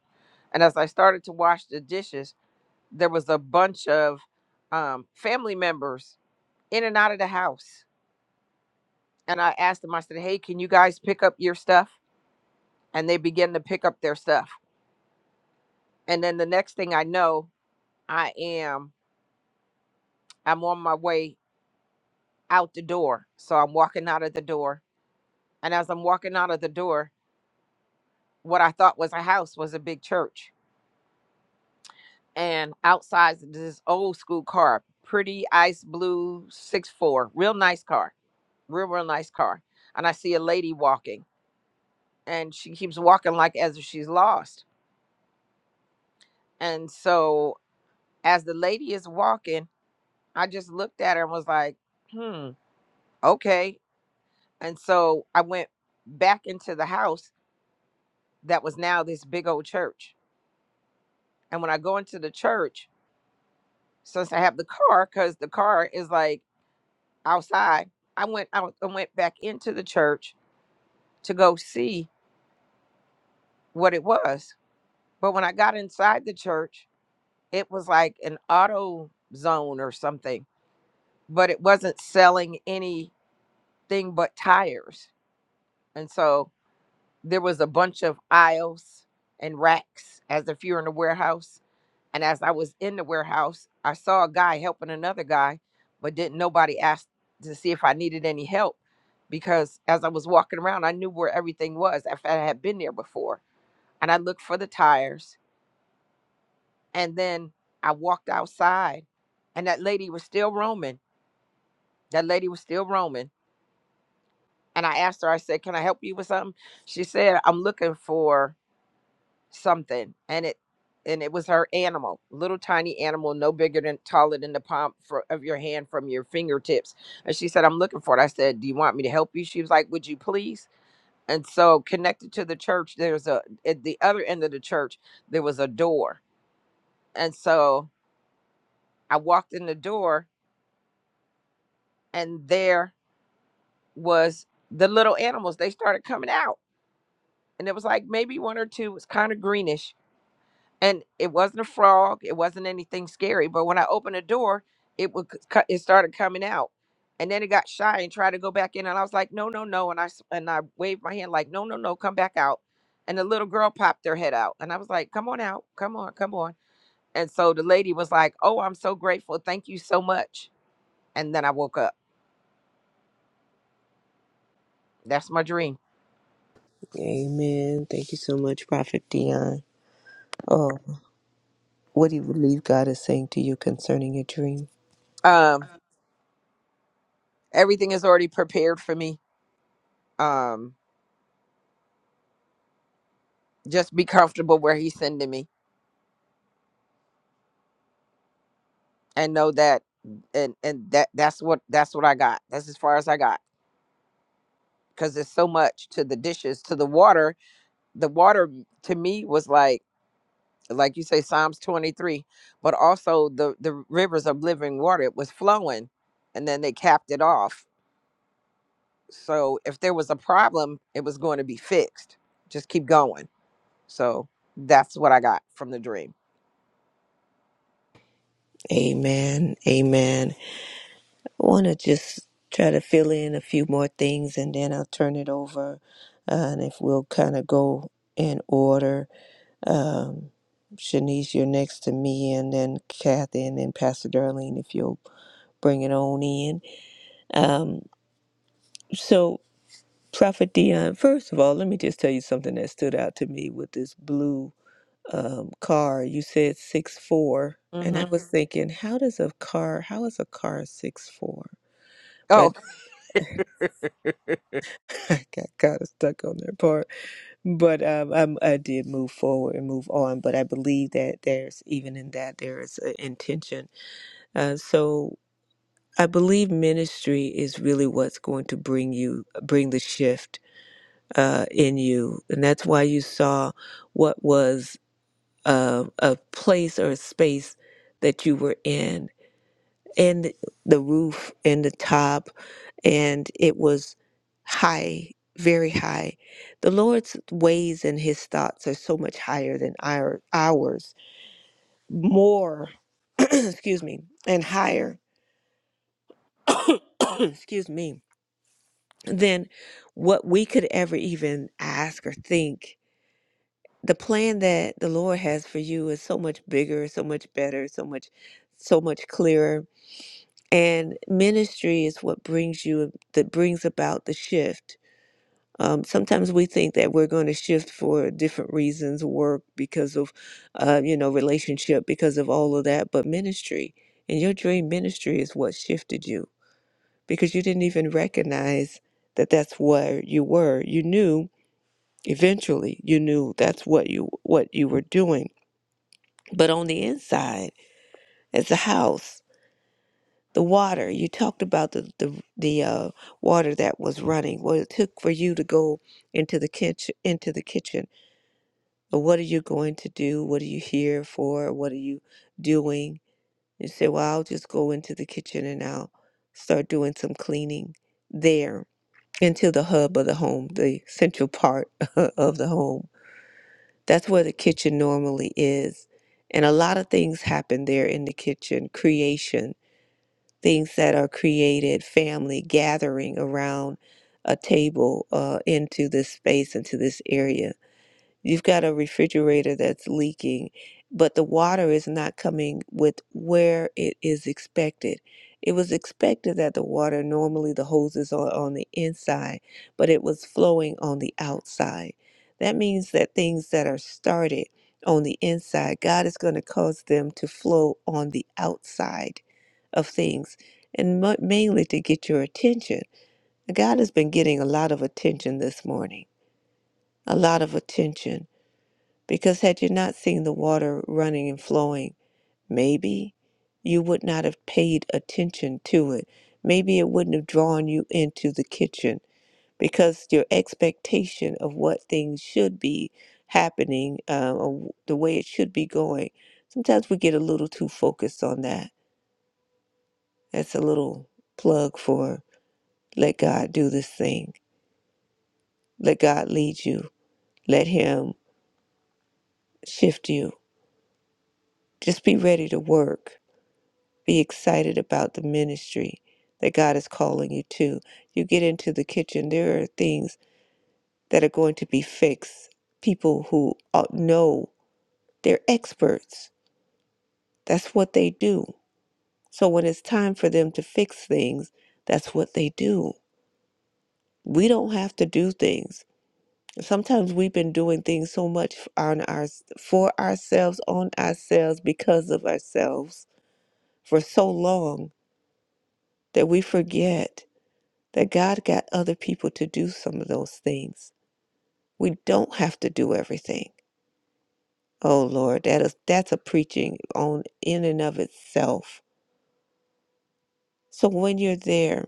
And as I started to wash the dishes, there was a bunch of um, family members in and out of the house. And I asked them, I said, hey, can you guys pick up your stuff? And they began to pick up their stuff. And then the next thing I know, I am, I'm on my way out the door. So I'm walking out of the door. And as I'm walking out of the door, what I thought was a house was a big church. And outside is this old school car, pretty ice blue six four, real nice car, real, real nice car. And I see a lady walking and she keeps walking like as if she's lost. And so as the lady is walking, I just looked at her and was like, hmm, okay. And so I went back into the house that was now this big old church. And when I go into the church, since I have the car, because the car is like outside, I went out and went back into the church to go see what it was. But when I got inside the church, it was like an auto zone or something but it wasn't selling anything but tires. And so there was a bunch of aisles and racks as if you're in a warehouse. And as I was in the warehouse, I saw a guy helping another guy, but didn't nobody ask to see if I needed any help because as I was walking around, I knew where everything was. If I had been there before, and I looked for the tires, and then I walked outside, and that lady was still roaming. That lady was still roaming and I asked her, I said, Can I help you with something? She said, I'm looking for something. And it and it was her animal, little tiny animal, no bigger than taller than the palm for, of your hand from your fingertips. And she said, I'm looking for it. I said, Do you want me to help you? She was like, Would you please? And so connected to the church, there's a at the other end of the church, there was a door. And so I walked in the door and there was the little animals. They started coming out. And it was like maybe one or two. It was kind of greenish and it wasn't a frog it wasn't anything scary but when i opened the door it would c- co- it started coming out and then it got shy and tried to go back in and i was like no no no and i s- and i waved my hand like no no no come back out and the little girl popped her head out and i was like come on out come on come on and so the lady was like oh i'm so grateful thank you so much and then i woke up that's my dream Amen. Thank you so much, Prophet Dion. Oh, what do you believe God is saying to you concerning your dream? um everything is already prepared for me um just be comfortable where he's sending me and know that and and that that's what that's what I got. That's as far as I got because there's so much to the dishes to the water. The water m- to me was like like you say Psalms 23, but also the the rivers of living water it was flowing and then they capped it off. So if there was a problem, it was going to be fixed. Just keep going. So that's what I got from the dream. Amen. Amen. I want to just try to fill in a few more things and then I'll turn it over. Uh, and if we'll kind of go in order Um, Shanice, you're next to me, and then Kathy, and then Pastor Darlene, if you'll bring it on in. Um, so, Prophet Dion, first of all, let me just tell you something that stood out to me with this blue um, car. You said six four, and I Mm-hmm. was Mhm. thinking, how does a car? How is a car six four? But Oh, (laughs) I got kind of stuck on that part. But um, I'm, I did move forward and move on. But I believe that there's even in that there is an intention Uh, so I believe ministry is really what's going to bring you, bring the shift uh, in you. And that's why you saw what was uh, a place or a space that you were in, and the roof and the top, and it was high, very high. The Lord's ways and his thoughts are so much higher than our, ours, more, (clears throat) excuse me, and higher, (coughs) excuse me than what we could ever even ask or think. The plan that the Lord has for you is so much bigger, so much better, so much so much clearer. And ministry is what brings you that brings about the shift. Um, sometimes we think that we're going to shift for different reasons, work because of, uh, you know, relationship because of all of that. But ministry and your dream ministry is what shifted you because you didn't even recognize that that's where you were. You knew Eventually, you knew that's what you what you were doing. But on the inside, as the house, the water you talked about the the the uh, water that was running. What it took for you to go into the kitchen into the kitchen. But what are you going to do? What are you here for? What are you doing? You say, well, I'll just go into the kitchen and I'll start doing some cleaning there into the hub of the home, the central part (laughs) of the home That's where the kitchen normally is. And a lot of things happen there in the kitchen creation, things that are created, family gathering around a table uh, into this space, into this area. You've got a refrigerator that's leaking, but the water is not coming with where it is expected. It was expected that the water, normally the hoses are on the inside, but it was flowing on the outside. That means that things that are started on the inside, God is going to cause them to flow on the outside of things, and mo- mainly to get your attention. God has been getting a lot of attention this morning, a lot of attention because had you not seen the water running and flowing, maybe you would not have paid attention to it. Maybe it wouldn't have drawn you into the kitchen because your expectation of what things should be happening uh, or the way it should be going. Sometimes we get a little too focused on that. That's a little plug for let God do this thing, let God lead you, let Him shift you. Just be ready to work Be excited about the ministry that God is calling you to. You get into the kitchen, there are things that are going to be fixed. People who uh, know they're experts, that's what they do. So when it's time for them to fix things, that's what they do. We don't have to do things. Sometimes we've been doing things so much on our for ourselves, on ourselves, because of ourselves for so long that we forget that God got other people to do some of those things. We don't have to do everything. Oh Lord, that is that's a preaching on in and of itself. So when you're there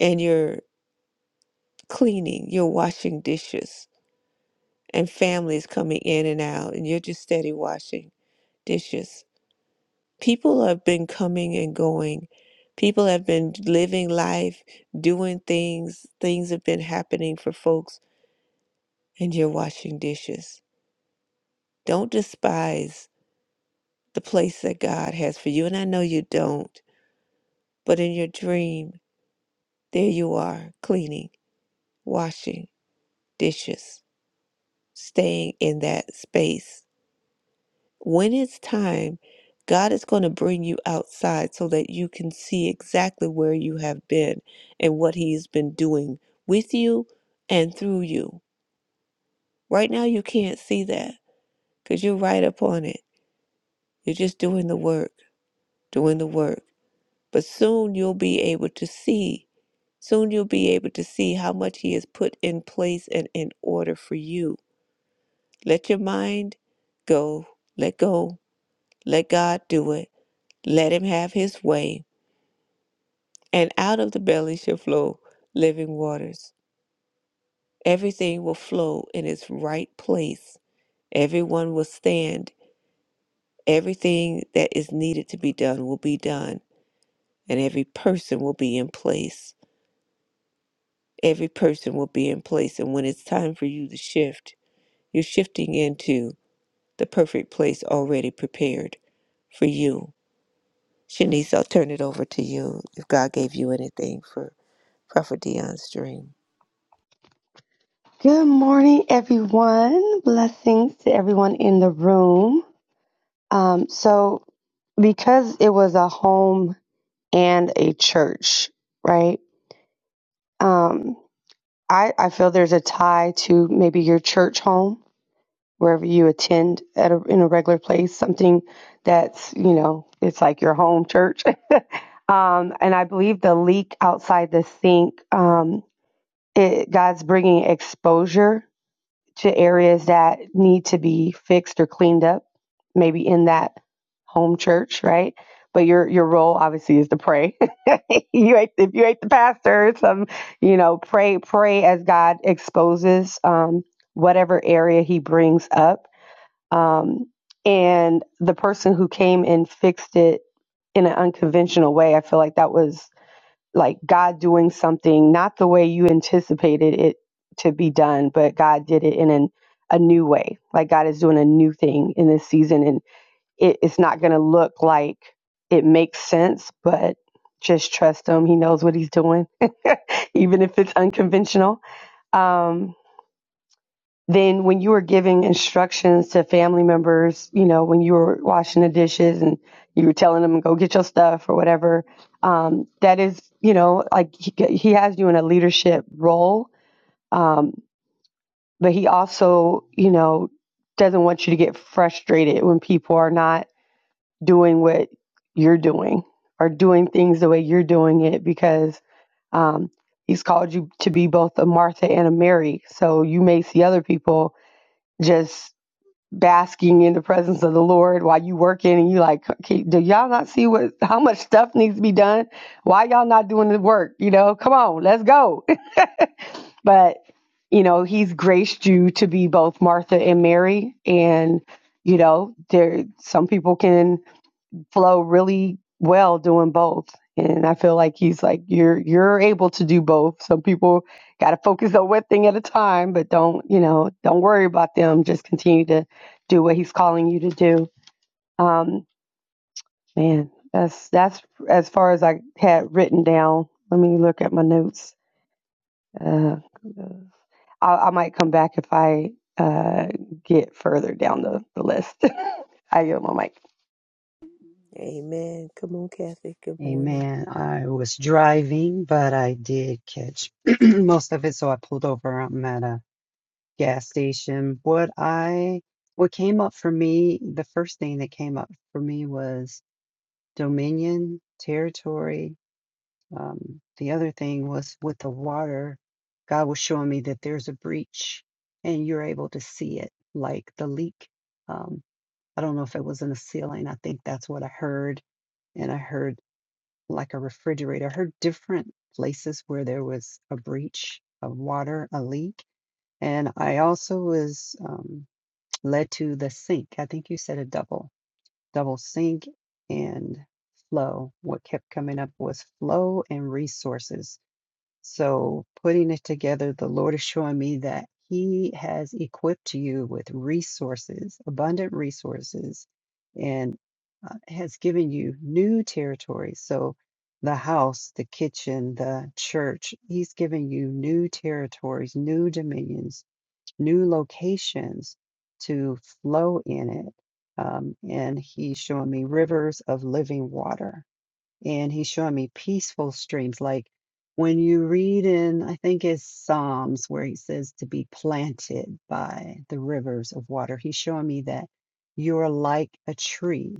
and you're cleaning, you're washing dishes, and families coming in and out, and you're just steady washing dishes. People have been coming and going. People have been living life, doing things. Things have been happening for folks, and you're washing dishes. Don't despise the place that God has for you. And I know you don't, but in your dream, there you are cleaning, washing dishes, staying in that space. When it's time, God is going to bring you outside so that you can see exactly where you have been and what He's been doing with you and through you. Right now, you can't see that because you're right up on it. You're just doing the work, doing the work. But soon you'll be able to see Soon you'll be able to see how much He has put in place and in order for you. Let your mind go, let go, let God do it, let Him have His way, and out of the belly shall flow living waters. Everything will flow in its right place, everyone will stand, everything that is needed to be done will be done, and every person will be in place. Every person will be in place, and when it's time for you to shift, you're shifting into. the perfect place already prepared for you. Shanice, I'll turn it over to you if God gave you anything for Prophet Dion's dream. Good morning, everyone. Blessings to everyone in the room. Um, so, because it was a home and a church, right? Um, I, I feel there's a tie to maybe your church home, wherever you attend at a, in a regular place, something that's, you know, it's like your home church. (laughs) um, and I believe the leak outside the sink, um, it, God's bringing exposure to areas that need to be fixed or cleaned up, maybe in that home church, right? But your your role obviously is to pray. (laughs) you ain't, if you ain't the pastor, some you know pray pray as God exposes um, whatever area He brings up, um, and the person who came and fixed it in an unconventional way. I feel like that was like God doing something not the way you anticipated it to be done, but God did it in an, a new way. Like God is doing a new thing in this season, and it, it's not going to look like it makes sense, but just trust Him. He knows what He's doing, (laughs) even if it's unconventional. Um, then when you were giving instructions to family members, you know, when you were washing the dishes and you were telling them go get your stuff or whatever, um, that is, you know, like he, he has you in a leadership role, um, but he also, you know, doesn't want you to get frustrated when people are not doing what you're doing or doing things the way you're doing it because um, he's called you to be both a Martha and a Mary. So you may see other people just basking in the presence of the Lord while you working and you like, okay, do y'all not see what how much stuff needs to be done? Why y'all not doing the work? You know, come on, let's go. (laughs) but you know, he's graced you to be both Martha and Mary, and you know, there some people can flow really well doing both. And I feel like he's like you're you're able to do both. Some people got to focus on one thing at a time, but don't you know don't worry about them. Just continue to do what he's calling you to do. Um, man, that's that's as far as I had written down. Let me look at my notes. Uh, I, I might come back if I uh, get further down the, the list. (laughs) I yield my mic. Amen. Come on, Kathy. Good morning. amen. I was driving, but I did catch (clears throat) most of it, so I pulled over. I'm at a gas station. What I what came up for me, the first thing that came up for me was dominion, territory. Um, the other thing was with the water, God was showing me that there's a breach and you're able to see it, like the leak. Um, I don't know if it was in the ceiling. I think that's what I heard and I heard like a refrigerator, I heard different places where there was a breach of water, a leak. And I also was um, (tsk) led to the sink. I think you said a double, double sink and flow. What kept coming up was flow and resources. So, putting it together, the Lord is showing me that He has equipped you with resources, abundant resources, and uh, has given you new territories. So, the house, the kitchen, the church, He's given you new territories, new dominions, new locations to flow in it. Um, and He's showing me rivers of living water and he's showing me peaceful streams. Like when you read in, I think it's Psalms where he says to be planted by the rivers of water, he's showing me that you're like a tree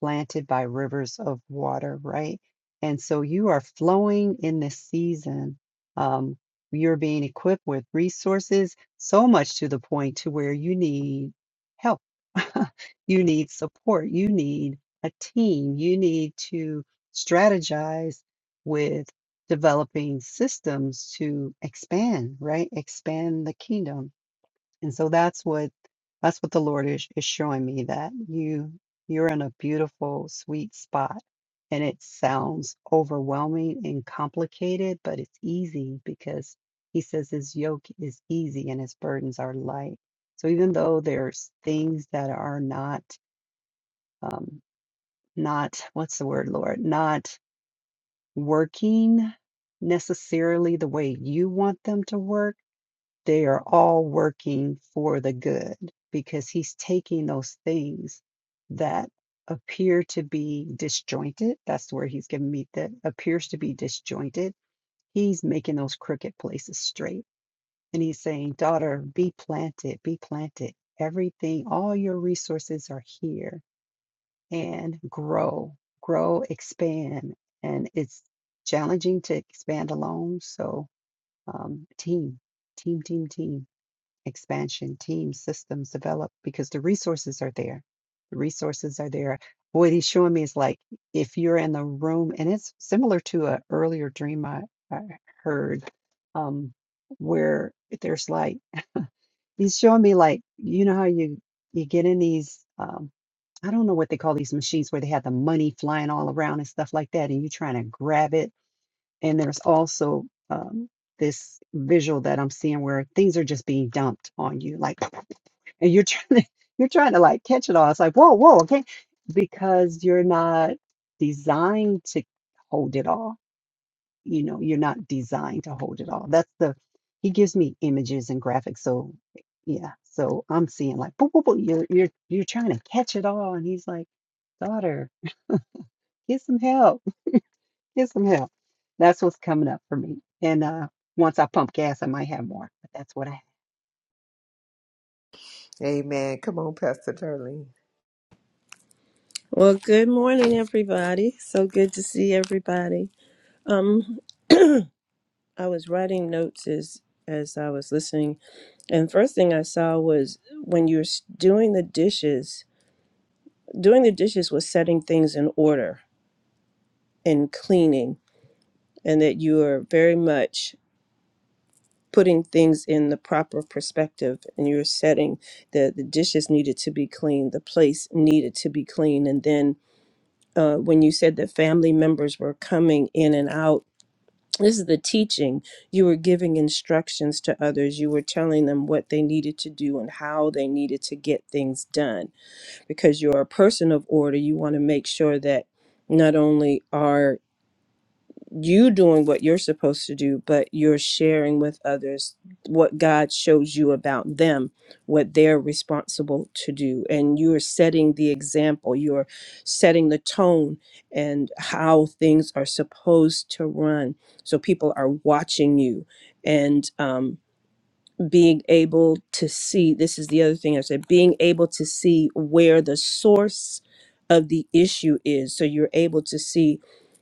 planted by rivers of water, right? And so you are flowing in this season. Um, you're being equipped with resources, so much to the point to where you need help. (laughs) you need support. You need a team. You need to strategize with developing systems to expand, right? Expand the kingdom and so that's what that's what the Lord is, is showing me that you you're in a beautiful sweet spot. And it sounds overwhelming and complicated, but it's easy because he says his yoke is easy and his burdens are light. So even though there's things that are not um not what's the word, Lord, not working necessarily the way you want them to work they are all working for the good because he's taking those things that appear to be disjointed. That's the word he's giving me that appears to be disjointed. He's making those crooked places straight. And he's saying, Daughter, be planted, be planted. Everything, all your resources are here and grow, grow, expand. And it's challenging to expand alone. So, um, team, team, team, team expansion teams systems develop because the resources are there the resources are there what he's showing me is like if you're in the room and it's similar to an earlier dream i, I heard um where there's like he's showing me like you know how you you get in these um i don't know what they call these machines where they have the money flying all around and stuff like that and you're trying to grab it and there's also um this visual that I'm seeing where things are just being dumped on you. Like and you're trying to (laughs) you're trying to like catch it all. It's like, whoa, whoa, okay. Because you're not designed to hold it all. You know, you're not designed to hold it all. That's the he gives me images and graphics. So yeah. So I'm seeing like, whoa, whoa, whoa, you're you're you're trying to catch it all. And he's like, daughter, get some help. (laughs) Get some help. That's what's coming up for me. And uh once I pump gas, I might have more. But that's what I Amen. Come on, Pastor Darlene. Well, good morning, everybody. So good to see everybody. Um, I was writing notes as as I was listening, and first thing I saw was when you're s- doing the dishes. Doing the dishes was setting things in order and cleaning, and that you are very much putting things in the proper perspective, and you're setting the the dishes needed to be cleaned, the place needed to be clean, and then uh, when you said that family members were coming in and out this is the teaching you were giving instructions to others you were telling them what they needed to do and how they needed to get things done because you're a person of order you want to make sure that not only are you doing what you're supposed to do, but you're sharing with others what God shows you about them, what they're responsible to do. And you're setting the example, you're setting the tone and how things are supposed to run. So people are watching you. And, um, being able to see this is the other thing I said being able to see where the source of the issue is so you're able to see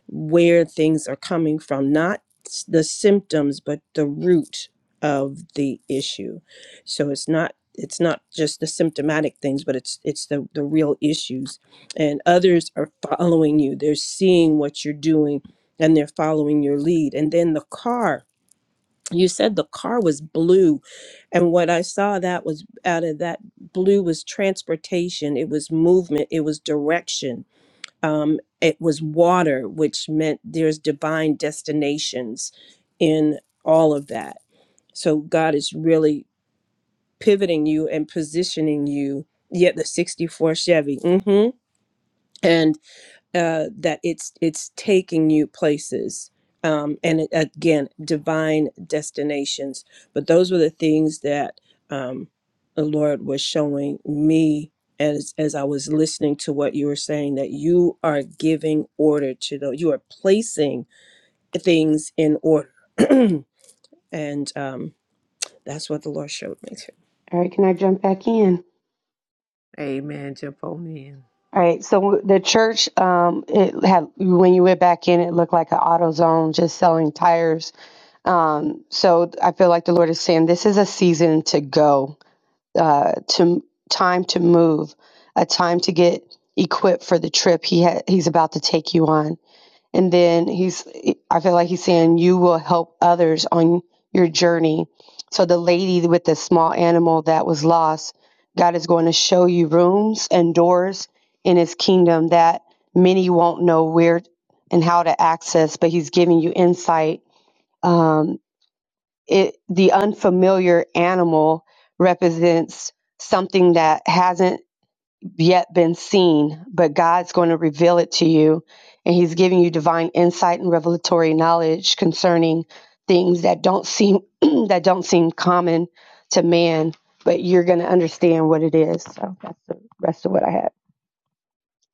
where things are coming from not s- the symptoms but the root of the issue so it's not it's not just the symptomatic things but it's it's the the real issues and others are following you they're seeing what you're doing and they're following your lead and then the car you said the car was blue and what I saw that was out of that blue was transportation, it was movement, it was direction, um, it was water, which meant there's divine destinations in all of that. So God is really pivoting you and positioning you. Yet the 64 Chevy. hmm And uh, that it's it's taking you places um, and it, again divine destinations but those were the things that um, the lord was showing me as as i was listening to what you were saying that you are giving order to those you are placing things in order and um, that's what the lord showed me too All right, can I jump back in? Amen. Jump on in. All right. So the church, um, it had when you went back in, it looked like an auto zone, just selling tires. Um, so I feel like the Lord is saying this is a season to go, uh, to time to move, a time to get equipped for the trip He ha- He's about to take you on. And then he's, I feel like he's saying, you will help others on your journey. So the lady with the small animal that was lost, God is going to show you rooms and doors in his kingdom that many won't know where and how to access, but he's giving you insight. Um, it, the unfamiliar animal represents something that hasn't yet been seen, but God's going to reveal it to you. And He's giving you divine insight and revelatory knowledge concerning things that don't seem (clears throat) that don't seem common to man, but you're going to understand what it is. So that's the,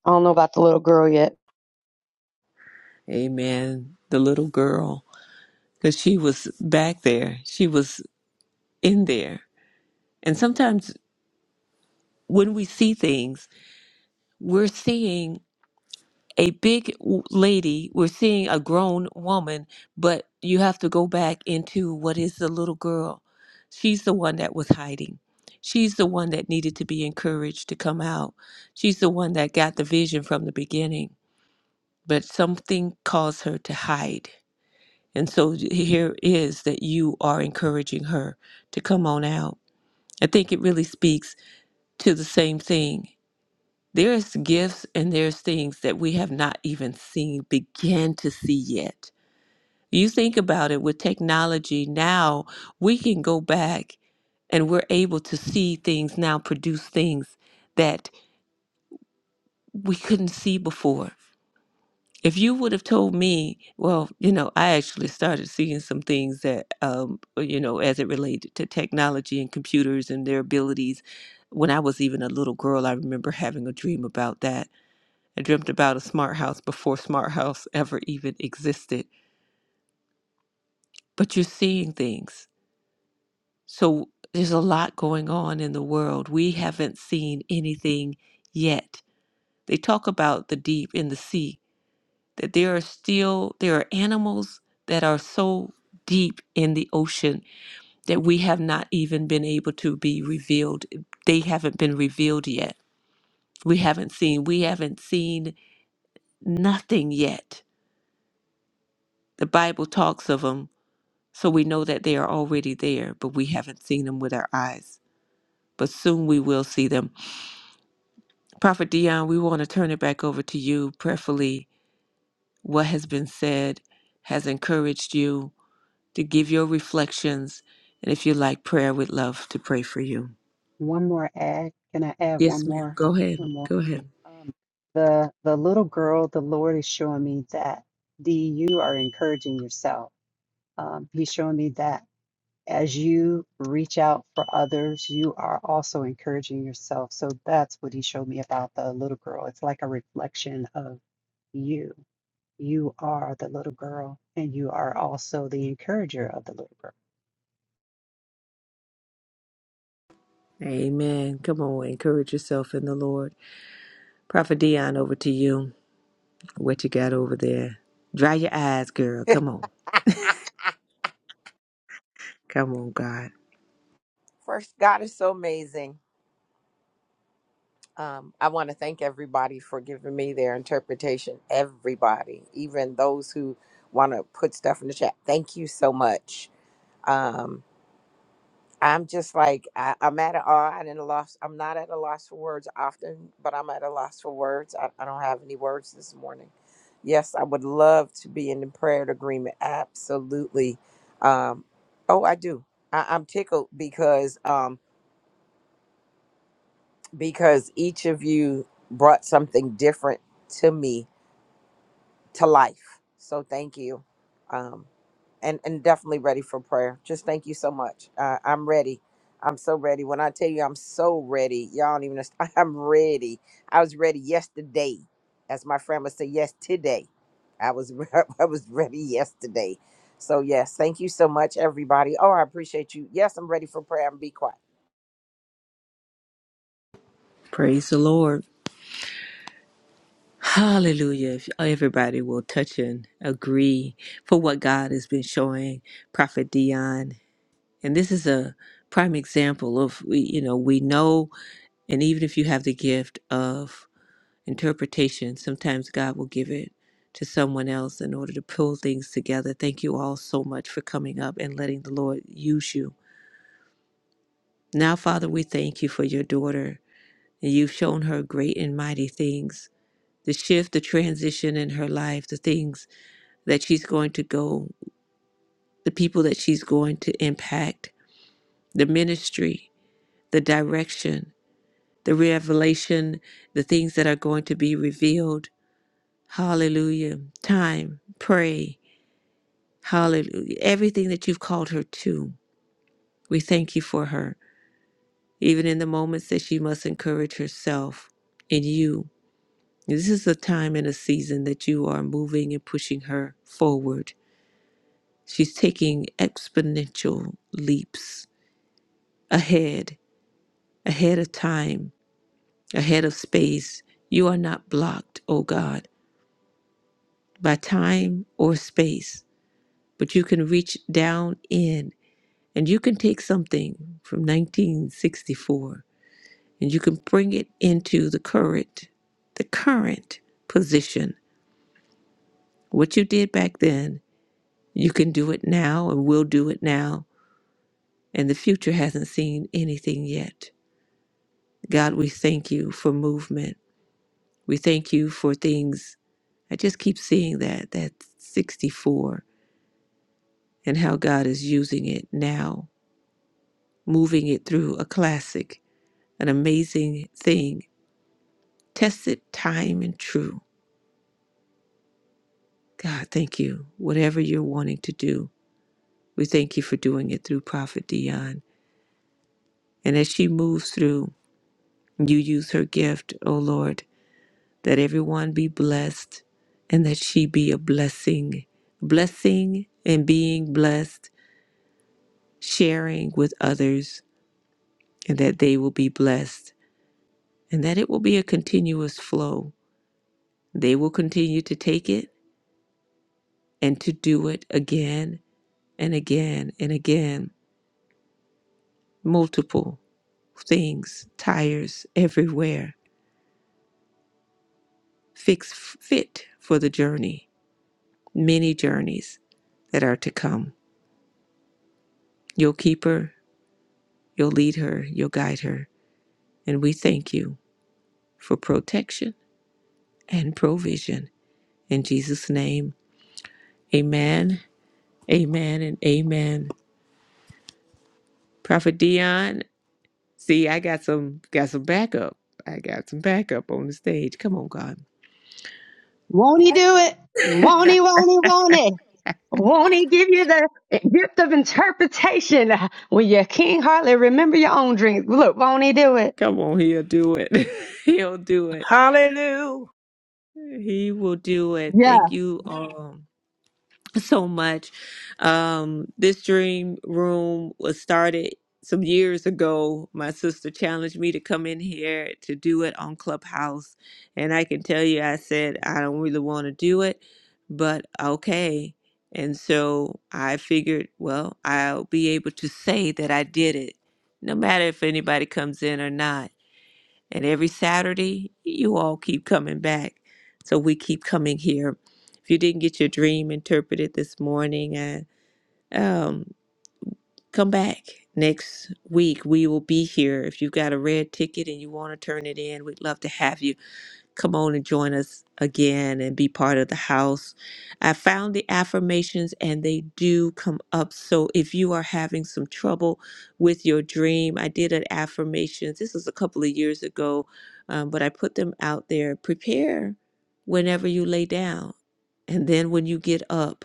I don't know about the little girl yet. Amen. The little girl, because she was back there, she was in there. And sometimes when we see things, we're seeing. a big w- lady, we're seeing a grown woman, but you have to go back into what is the little girl. She's the one that was hiding. She's the one that needed to be encouraged to come out. She's the one that got the vision from the beginning, but something caused her to hide. And so here is that you are encouraging her to come on out. I think it really speaks to the same thing there's gifts and there's things that we have not even seen, begin to see yet. You think about it with technology now, we can go back and we're able to see things now, produce things that we couldn't see before. If you would have told me, well, you know, I actually started seeing some things that, um, uh, you know, as it related to technology and computers and their abilities. When I was even a little girl, I remember having a dream about that I dreamt about a smart house before smart house ever even existed. But you're seeing things. So there's a lot going on in the world. We haven't seen anything yet. They talk about the deep in the sea, that there are still there are animals that are so deep in the ocean that we have not even been able to be revealed. They haven't been revealed yet. We haven't seen we haven't seen nothing yet. The Bible talks of them So we know that they are already there, but we haven't seen them with our eyes. But soon we will see them. Prophet Dion, we want to turn it back over to you. Prayerfully, what has been said has encouraged you to give your reflections. And if you like prayer, we'd love to pray for you. one more add. Can I add one Yes, ma'am. more? Go ahead. One more. Go ahead. Um, the the little girl, the Lord is showing me that D, you are encouraging yourself. Um, he's showing me that as you reach out for others, you are also encouraging yourself. So that's what he showed me about the little girl. It's like a reflection of you. You are the little girl, and you are also the encourager of the little girl. Amen. Come on. Encourage yourself in the Lord. Prophet Dion, over to you. What you got over there? Dry your eyes, girl. Come on. Come on, God. first, God is so amazing. Um, I want to thank everybody for giving me their interpretation. Everybody, even those who want to put stuff in the chat. Thank you so much. Um, I'm just like I, I'm at a awe and at a loss. I'm not at a loss for words often, but I'm at a loss for words. I, I don't have any words this morning. Yes, I would love to be in the prayer and agreement. Absolutely. Um, oh, I do. I, I'm tickled because um, because each of you brought something different to me to life. So thank you. Um, and, and definitely ready for prayer. Just thank you so much. Uh, I'm ready. I'm so ready. When I tell you I'm so ready, y'all don't even understand. (laughs) I'm ready. I was ready yesterday. As my friend would say, yes, today. I was (laughs) I was ready yesterday. So yes, thank you so much, everybody. Oh, I appreciate you. Yes, I'm ready for prayer. I'm be quiet. Praise the Lord. Hallelujah. If everybody will touch and agree for what God has been showing Prophet Dion. And this is a prime example of we you know, we know and even if you have the gift of interpretation, sometimes God will give it to someone else in order to pull things together. Thank you all so much for coming up and letting the Lord use you. Now, Father, we thank you for your daughter. And you've shown her great and mighty things. The shift, the transition in her life, the things that she's going to go, the people that she's going to impact, the ministry, the direction, the revelation, the things that are going to be revealed. Hallelujah. Time, pray. Hallelujah. Everything that you've called her to, we thank you for her, even in the moments that she must encourage herself in you. This is a time and a season that you are moving and pushing her forward. She's taking exponential leaps ahead ahead of time, ahead of space. You are not blocked, O God, by time or space, but you can reach down in and you can take something from 1964 and you can bring it into the current, the current position. What you did back then, you can do it now and will do it now. And the future hasn't seen anything yet. God, we thank you for movement. We thank you for things I just keep seeing that, that 64, and how God is using it now, moving it through a classic, an amazing thing, tested time and true. God, thank you. Whatever you're wanting to do, we thank you for doing it through Prophet Dion. And as she moves through, you use her gift, O Lord, that everyone be blessed and that she be a blessing, blessing and being blessed, sharing with others and that they will be blessed and that it will be a continuous flow. They will continue to take it and to do it again and again and again. Multiple things, tires everywhere, fix fit for the journey, many journeys that are to come. You'll keep her, you'll lead her, you'll guide her. And we thank you for protection and provision. In Jesus' name, amen, amen, and amen. Prophet Dion, see, I got some got some backup. I got some backup on the stage. Come on, God. Won't he do it? Won't he? Won't he? Won't he? Won't he give you the gift of interpretation when you can't hardly remember your own dreams? Look, won't he do it? Come on, he'll do it. (laughs) he'll do it. Hallelujah. He will do it. Yeah, Thank you um. (laughs) so much. Um, this dream room was started some years ago. My sister challenged me to come in here to do it on Clubhouse. And I can tell you, I said, I don't really want to do it, but okay. And so I figured, well, I'll be able to say that I did it, no matter if anybody comes in or not. And every Saturday, you all keep coming back. So we keep coming here. If you didn't get your dream interpreted this morning, uh, um, come back next week. We will be here. If you've got a red ticket and you want to turn it in, we'd love to have you. Come on and join us again and be part of the house. I found the affirmations and they do come up. So if you are having some trouble with your dream, I did an affirmations. This was a couple of years ago, um, but I put them out there. Prepare whenever you lay down and then when you get up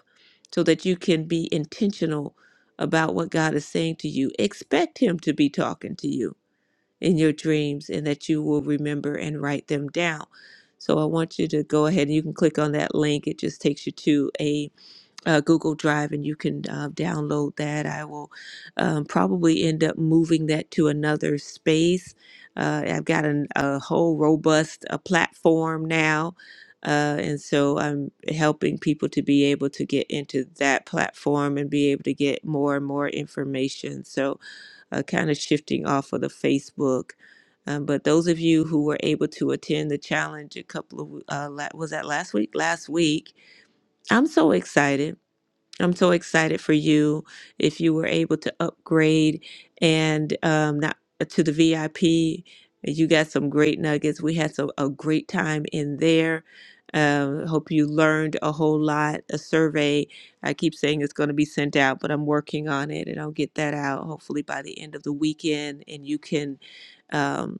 so that you can be intentional about what God is saying to you. Expect Him to be talking to you in your dreams and that you will remember and write them down. So I want you to go ahead and you can click on that link. It just takes you to a, uh Google Drive and you can uh, download that. I will um, probably end up moving that to another space. Uh, I've got an, a whole robust uh, platform now. Uh, and so I'm helping people to be able to get into that platform and be able to get more and more information. So uh, kind of shifting off of the Facebook. Um, but those of you who were able to attend the challenge a couple of uh, la- was that last week? Last week, I'm so excited I'm so excited for you if you were able to upgrade and um, not uh, to the VIP. You got some great nuggets. We had some, a great time in there. Um, hope you learned a whole lot. A survey, I keep saying it's going to be sent out, but I'm working on it and I'll get that out hopefully by the end of the weekend. And you can Um,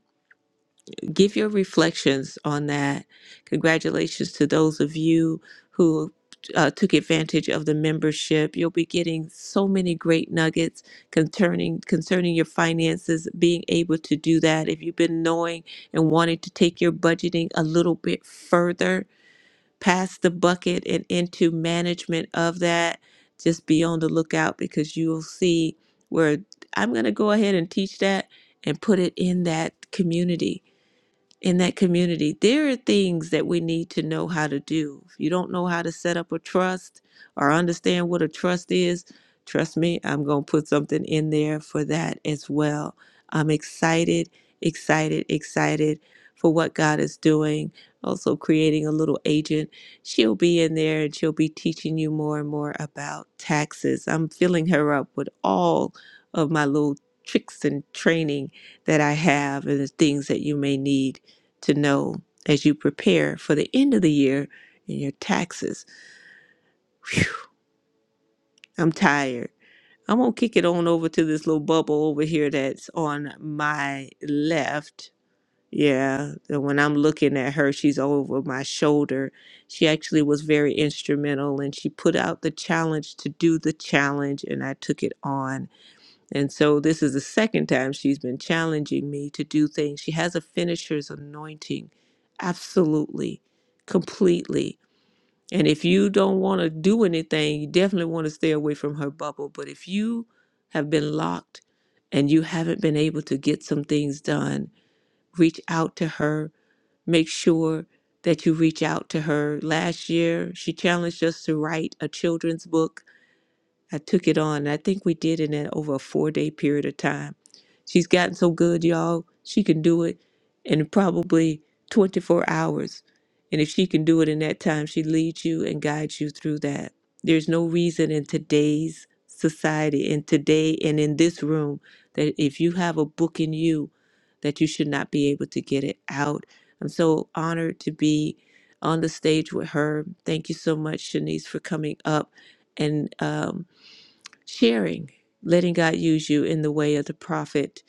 give your reflections on that. Congratulations to those of you who uh, took advantage of the membership. You'll be getting so many great nuggets concerning concerning your finances. Being able to do that, if you've been knowing and wanting to take your budgeting a little bit further past the bucket and into management of that, just be on the lookout because you will see where I'm going to go ahead and teach that and put it in that community in that community, there are things that we need to know how to do. If you don't know how to set up a trust or understand what a trust is, trust me, I'm going to put something in there for that as well. I'm excited, excited, excited for what God is doing. Also, creating a little agent. She'll be in there and she'll be teaching you more and more about taxes. I'm filling her up with all of my little tricks and training that I have and the things that you may need to know as you prepare for the end of the year and your taxes. Phew, I'm tired. I'm going to kick it on over to this little bubble over here that's on my left. Yeah, and when I'm looking at her, she's over my shoulder. She actually was very instrumental and she put out the challenge to do the challenge, and I took it on And so this is the second time she's been challenging me to do things. She has a finisher's anointing, absolutely, completely. And if you don't want to do anything, you definitely want to stay away from her bubble. But if you have been locked and you haven't been able to get some things done, reach out to her. Make sure that you reach out to her. Last year, she challenged us to write a children's book I took it on. and I think we did it in over a four day period of time. She's gotten so good, y'all. She can do it in probably 24 hours. And if she can do it in that time, she leads you and guides you through that. There's no reason in today's society and today and in this room that if you have a book in you, that you should not be able to get it out. I'm so honored to be on the stage with her. Thank you so much, Shanice, for coming up and um, sharing, letting God use you in the way of the prophet,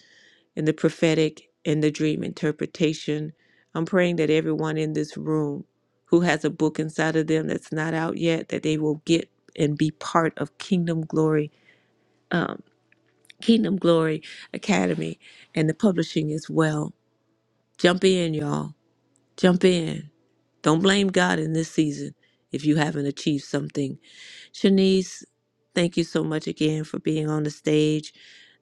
in the prophetic, in the dream interpretation. I'm praying that everyone in this room who has a book inside of them that's not out yet, that they will get and be part of Kingdom Glory, um, Kingdom Glory Academy, and the publishing as well. Jump in, y'all. Jump in. Don't blame God in this season if you haven't achieved something Shanice, thank you so much again for being on the stage.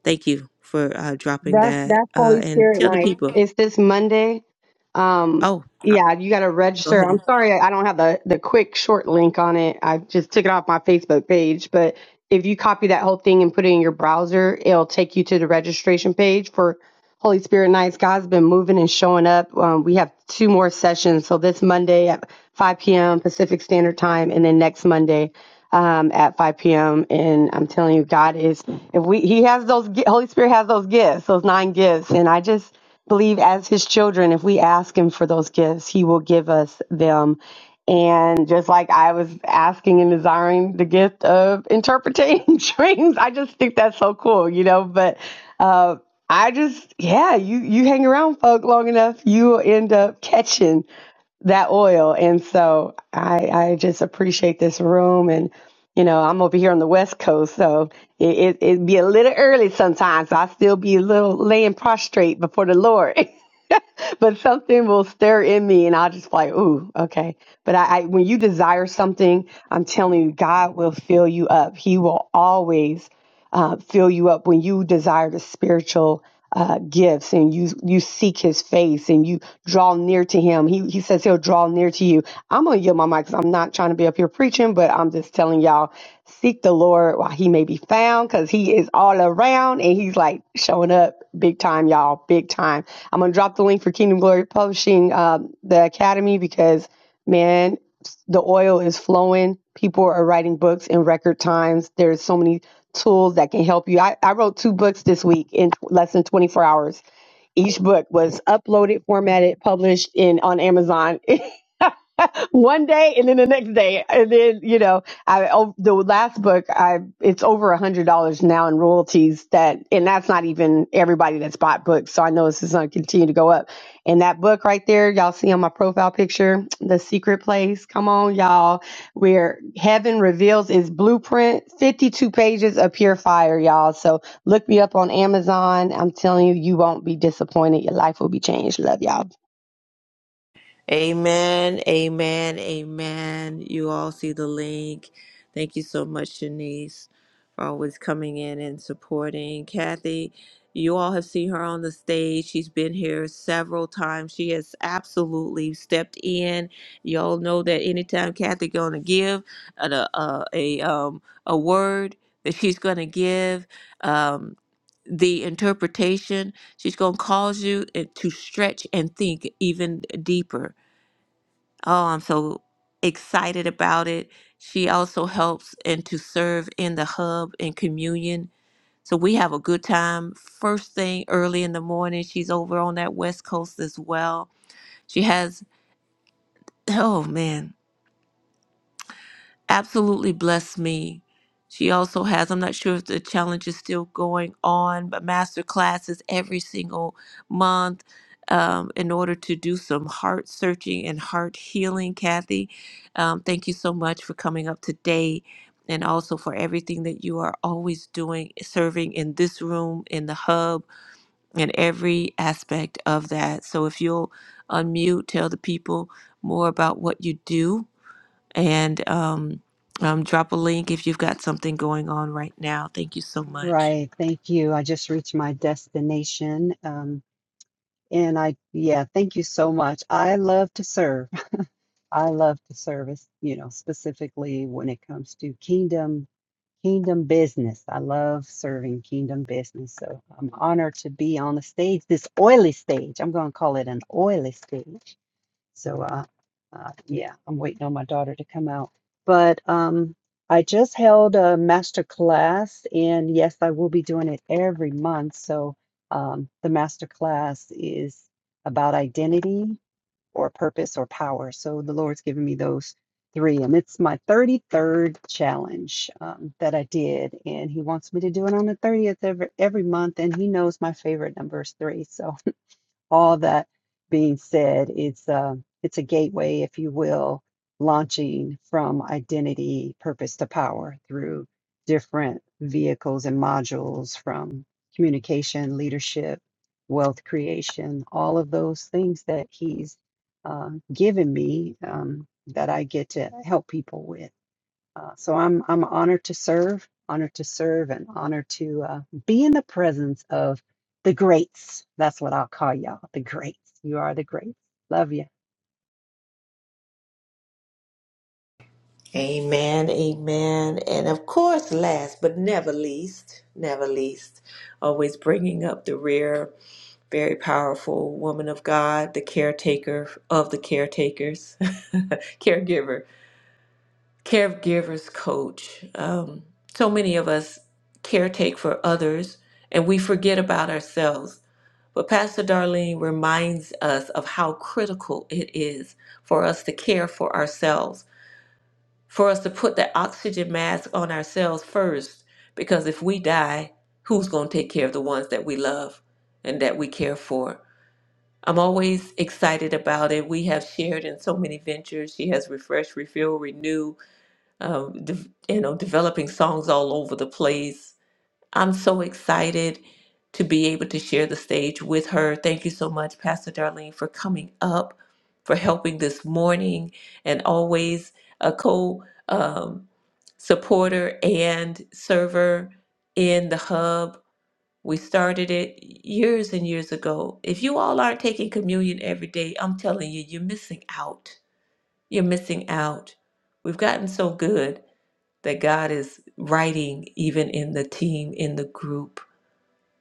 Thank you for uh, dropping that's that. that's Uh, Holy and Spirit tell the night. people. It's this Monday Um, Oh, yeah, you got to go register. ahead. I'm sorry, I don't have the the quick short link on it. I just took it off my Facebook page, but if you copy that whole thing and put it in your browser, it'll take you to the registration page for Holy Spirit Nights. God's been moving and showing up. Um, we have two more sessions. So this Monday at 5 p.m. Pacific Standard Time, and then next Monday um, at 5 p.m. And I'm telling you, God is if we He has those gi- Holy Spirit has those gifts, those nine gifts, and I just believe as his children if we ask him for those gifts he will give us them and just like i was asking and desiring the gift of interpreting (laughs) dreams i just think that's so cool you know but uh, i just yeah you you hang around folk long enough you will end up catching that oil. And so I, I just appreciate this room. And, you know, I'm over here on the West Coast, so it, it, it'd be a little early sometimes. I still be a little laying prostrate before the Lord. (laughs) (laughs) but something will stir in me and I'll just be like, ooh, okay. But I, I when you desire something, I'm telling you, God will fill you up. He will always uh, fill you up when you desire the spiritual uh, gifts and you you seek his face and you draw near to him. He he says he'll draw near to you. I'm gonna yield my mic because I'm not trying to be up here preaching, but I'm just telling y'all, seek the Lord while he may be found because he is all around and he's like showing up big time, y'all, big time. I'm gonna drop the link for Kingdom Glory Publishing, um, the Academy, because man, the oil is flowing. People are writing books in record times. There's so many tools that can help you. I, I wrote two books this week in less than 24 hours. Each book was uploaded, formatted, published in on Amazon. (laughs) one day and then the next day and then you know i oh, the last book i it's over a hundred dollars now in royalties that and that's not even everybody that's bought books so i know this is going to continue to go up and that book right there y'all see on my profile picture the secret place come on y'all where heaven reveals its blueprint 52 pages of pure fire y'all so look me up on amazon i'm telling you you won't be disappointed your life will be changed love y'all Amen, amen, amen. You all see the link. Thank you so much, Janice, for always coming in and supporting. Kathy, you all have seen her on the stage. She's been here several times. She has absolutely stepped in. You all know that anytime Kathy gonna give a a, a um a word that she's gonna give, um, the interpretation. She's going to cause you uh, to stretch and think even deeper. Oh, I'm so excited about it. She also helps and to serve in the hub and communion. So we have a good time. First thing early in the morning, she's over on that West Coast as well. She has, oh man, absolutely blessed me. She also has, I'm not sure if the challenge is still going on, but master classes every single month um, in order to do some heart searching and heart healing. Kathy, um, thank you so much for coming up today and also for everything that you are always doing, serving in this room, in the hub, and every aspect of that. So if you'll unmute, tell the people more about what you do and um, um, drop a link if you've got something going on right now. Thank you so All much. right, thank you. I just reached my destination. Um, And I, yeah, thank you so much. I love to serve. (laughs) I love to service, you know, specifically when it comes to kingdom, kingdom business. I love serving kingdom business. So I'm honored to be on the stage, this oily stage. I'm going to call it an oily stage. So, uh, uh, yeah, I'm waiting on my daughter to come out. But um, I just held a master class, and yes, I will be doing it every month. So, um, the master class is about identity or purpose or power. So, the Lord's given me those three, and it's my 33rd challenge um, that I did, and He wants me to do it on the 30th every, every month, and He knows my favorite number is three. So, all that being said, it's a, it's a gateway, if you will, launching from identity purpose to power through different vehicles and modules from communication, leadership, wealth creation, all of those things that he's uh, given me um, that I get to help people with. Uh, so I'm I'm honored to serve, honored to serve, and honored to uh, be in the presence of the greats. That's what I'll call y'all, the greats. You are the greats. Love you. Amen, amen. And of course, last but never least, never least, always bringing up the rear, very powerful woman of God, the caretaker of the caretakers, (laughs) caregiver, caregivers coach. Um, so many of us caretake for others and we forget about ourselves But Pastor Darlene reminds us of how critical it is for us to care for ourselves, for us to put that oxygen mask on ourselves first, because if we die, who's going to take care of the ones that we love and that we care for? I'm always excited about it. We have shared in so many ventures. She has refresh, refill, renew, um, de- you know, developing songs all over the place I'm so excited to be able to share the stage with her. Thank you so much, Pastor Darlene, for coming up, for helping this morning, and always a co um, supporter and server in the hub. We started it years and years ago. If you all aren't taking communion every day, I'm telling you, you're missing out. You're missing out. We've gotten so good that God is writing even in the team, in the group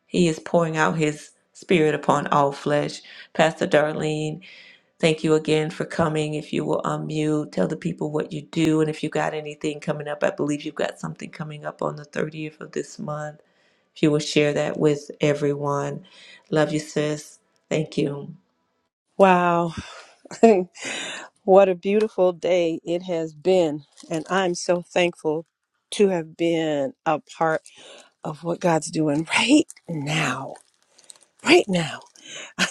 he is pouring out his spirit upon all flesh. Pastor Darlene, thank you again for coming. If you will unmute, tell the people what you do, and if you got anything coming up, I believe you've got something coming up on the 30th of this month. If you will share that with everyone. Love you, sis. Thank you. Wow. (laughs) what a beautiful day it has been. And I'm so thankful to have been a part of what God's doing (laughs) right now. Right now.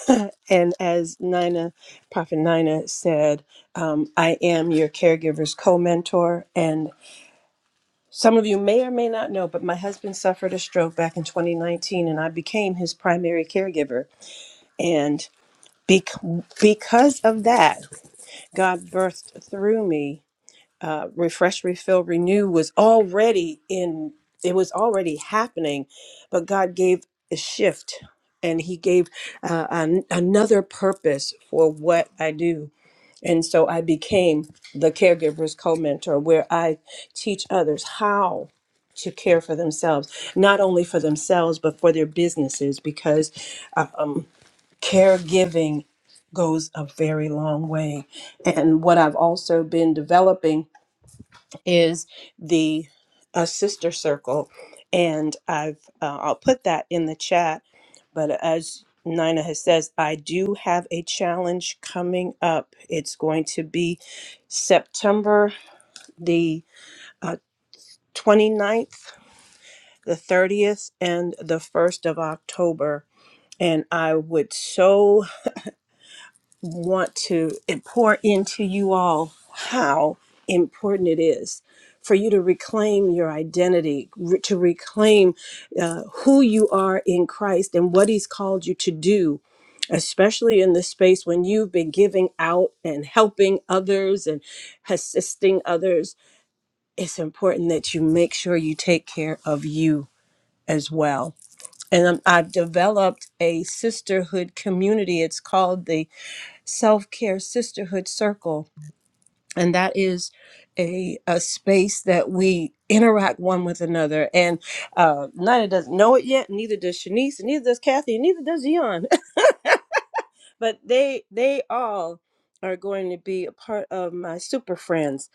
(laughs) and as Nina, Prophet Nina said, um, I am your caregiver's co mentor. And some of you may or may not know, but my husband suffered a stroke back in 2019 and I became his primary caregiver. And bec- because of that, God birthed through me, uh, refresh, refill, renew was already in, it was already happening, but God gave a shift and He gave uh, an, another purpose for what I do. And so I became the caregiver's co mentor, where I teach others how to care for themselves, not only for themselves, but for their businesses, because uh, Um, caregiving goes a very long way. And what I've also been developing is the a sister circle, and I've uh, I'll put that in the chat. But as Nina has says, I do have a challenge coming up. It's going to be September the uh, 29th, the 30th, and the 1st of October. And I would so want to pour into you all how important it is for you to reclaim your identity, re- to reclaim uh, who you are in Christ and what He's called you to do, especially in this space when you've been giving out and helping others and assisting others. It's important that you make sure you take care of you as well. And um, I've developed a sisterhood community. It's called the self care sisterhood circle. And that is a, a space that we interact one with another. And uh, Nina doesn't know it yet, neither does Shanice, and neither does Kathy, and neither does Dion. (laughs) but they they all are going to be a part of my super friends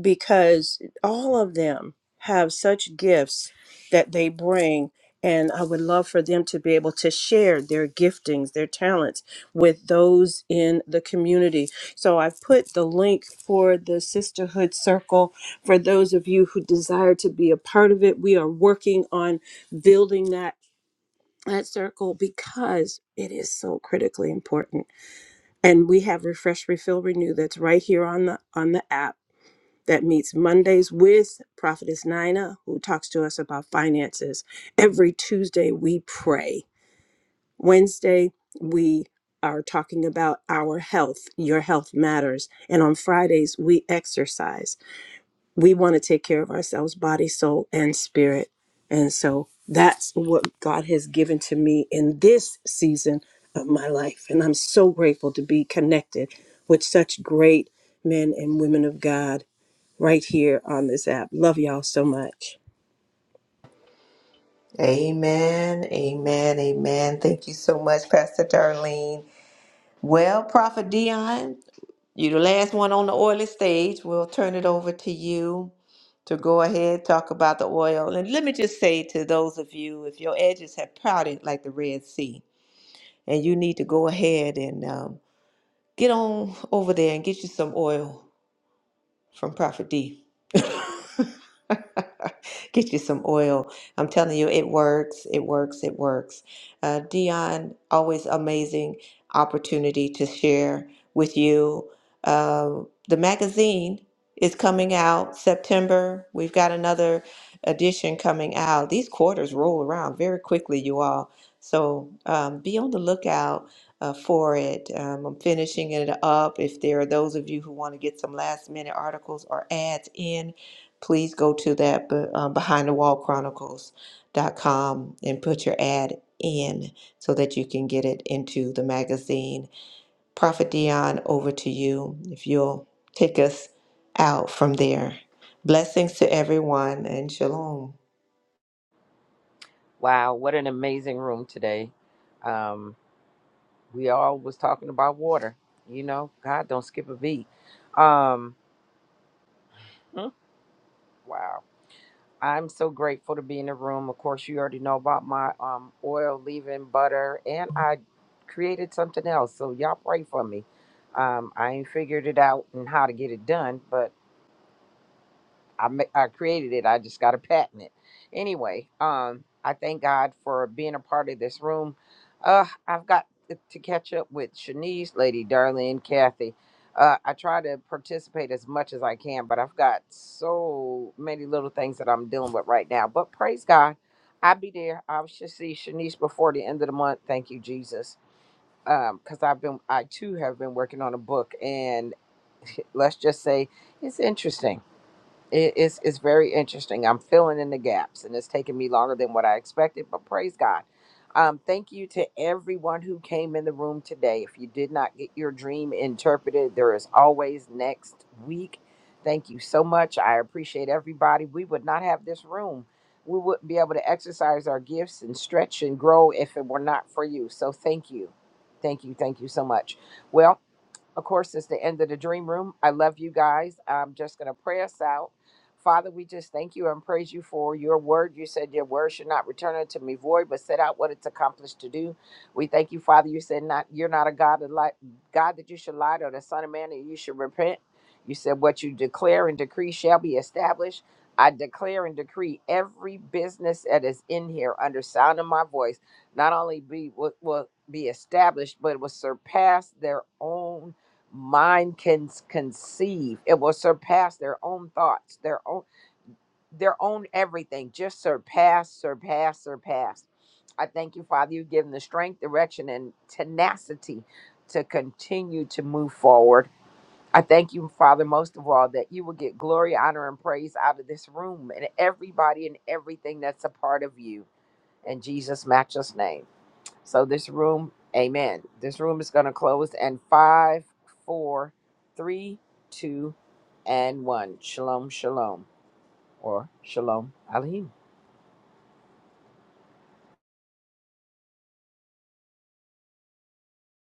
because all of them have such gifts that they bring and I would love for them to be able to share their giftings, their talents with those in the community. So I've put the link for the Sisterhood Circle for those of you who desire to be a part of it. We are working on building that that circle because it is so critically important. And we have Refresh Refill Renew that's right here on the on the app that meets Mondays with Prophetess Nina, who talks to us about finances. Every Tuesday, we pray. Wednesday, we are talking about our health. Your health matters. And on Fridays, we exercise. We want to take care of ourselves, body, soul, and spirit. And so that's what God has given to me in this season of my life. And I'm so grateful to be connected with such great men and women of God right here on this app. Love y'all so much. Amen, amen, amen. Thank you so much, Pastor Darlene. Well, Prophet Dion, you're the last one on the oily stage. We'll turn it over to you. to go ahead talk about the oil and let me just say to those of you if your edges have pouted like the red sea and you need to go ahead and um, get on over there and get you some oil from Prophet D. (laughs) Get you some oil. I'm telling you, it works. It works. It works. Uh, Dion, always amazing opportunity to share with you. Um the magazine is coming out September. We've got another edition coming out. These quarters roll around very quickly, you all. So um, be on the lookout uh, for it. Um, I'm finishing it up. If there are those of you who want to get some last minute articles or ads in, please go to that be- um, behindthewallchronicles.com and put your ad in so that you can get it into the magazine. Prophet Dion, over to you if you'll take us out from there. Blessings to everyone and shalom. Wow, what an amazing room today. Um, we all was talking about water. You know, God don't skip a beat. Um, hmm, wow. I'm so grateful to be in the room. Of course, you already know about my um oil leaving butter, and I created something else. So y'all pray for me. Um, I ain't figured it out and how to get it done, but I ma- I created it. I just got to patent it. Anyway, um, I thank God for being a part of this room. Uh, I've got to to catch up with Shanice, Lady Darlene, Kathy. Uh, I try to participate as much as I can, but I've got so many little things that I'm dealing with right now. But praise God, I'll be there. I should see Shanice before the end of the month. Thank you, Jesus. Um, Because I've been, I too have been working on a book, and let's just say it's interesting it is it's very interesting. I'm filling in the gaps, and it's taking me longer than what I expected. But praise God. Um, thank you to everyone who came in the room today. If you did not get your dream interpreted, there is always next week. Thank you so much. I appreciate everybody. We would not have this room. We wouldn't be able to exercise our gifts and stretch and grow if it were not for you. So thank you. Thank you. Thank you so much. Well, of course, it's the end of the dream room. I love you guys. I'm just going to pray us out. Father, we just thank you and praise you for your word. You said your word should not return unto me void, but set out what it's accomplished to do. We thank you, Father. You said not you're not a God that li- God that you should lie to, or the Son of Man that you should repent. You said what you declare and decree shall be established. I declare and decree every business that is in here under sound of my voice, not only be will, will be established, but will surpass their own mind can s- conceive it will surpass their own thoughts their own their own everything just surpass surpass surpass i thank you father you've given the strength direction and tenacity to continue to move forward i thank you father most of all that you will get glory honor and praise out of this room and everybody and everything that's a part of you in jesus matchless name so this room, amen. This room is going to close in five, four, three, two, and one. Shalom, shalom, or shalom, Aleichem.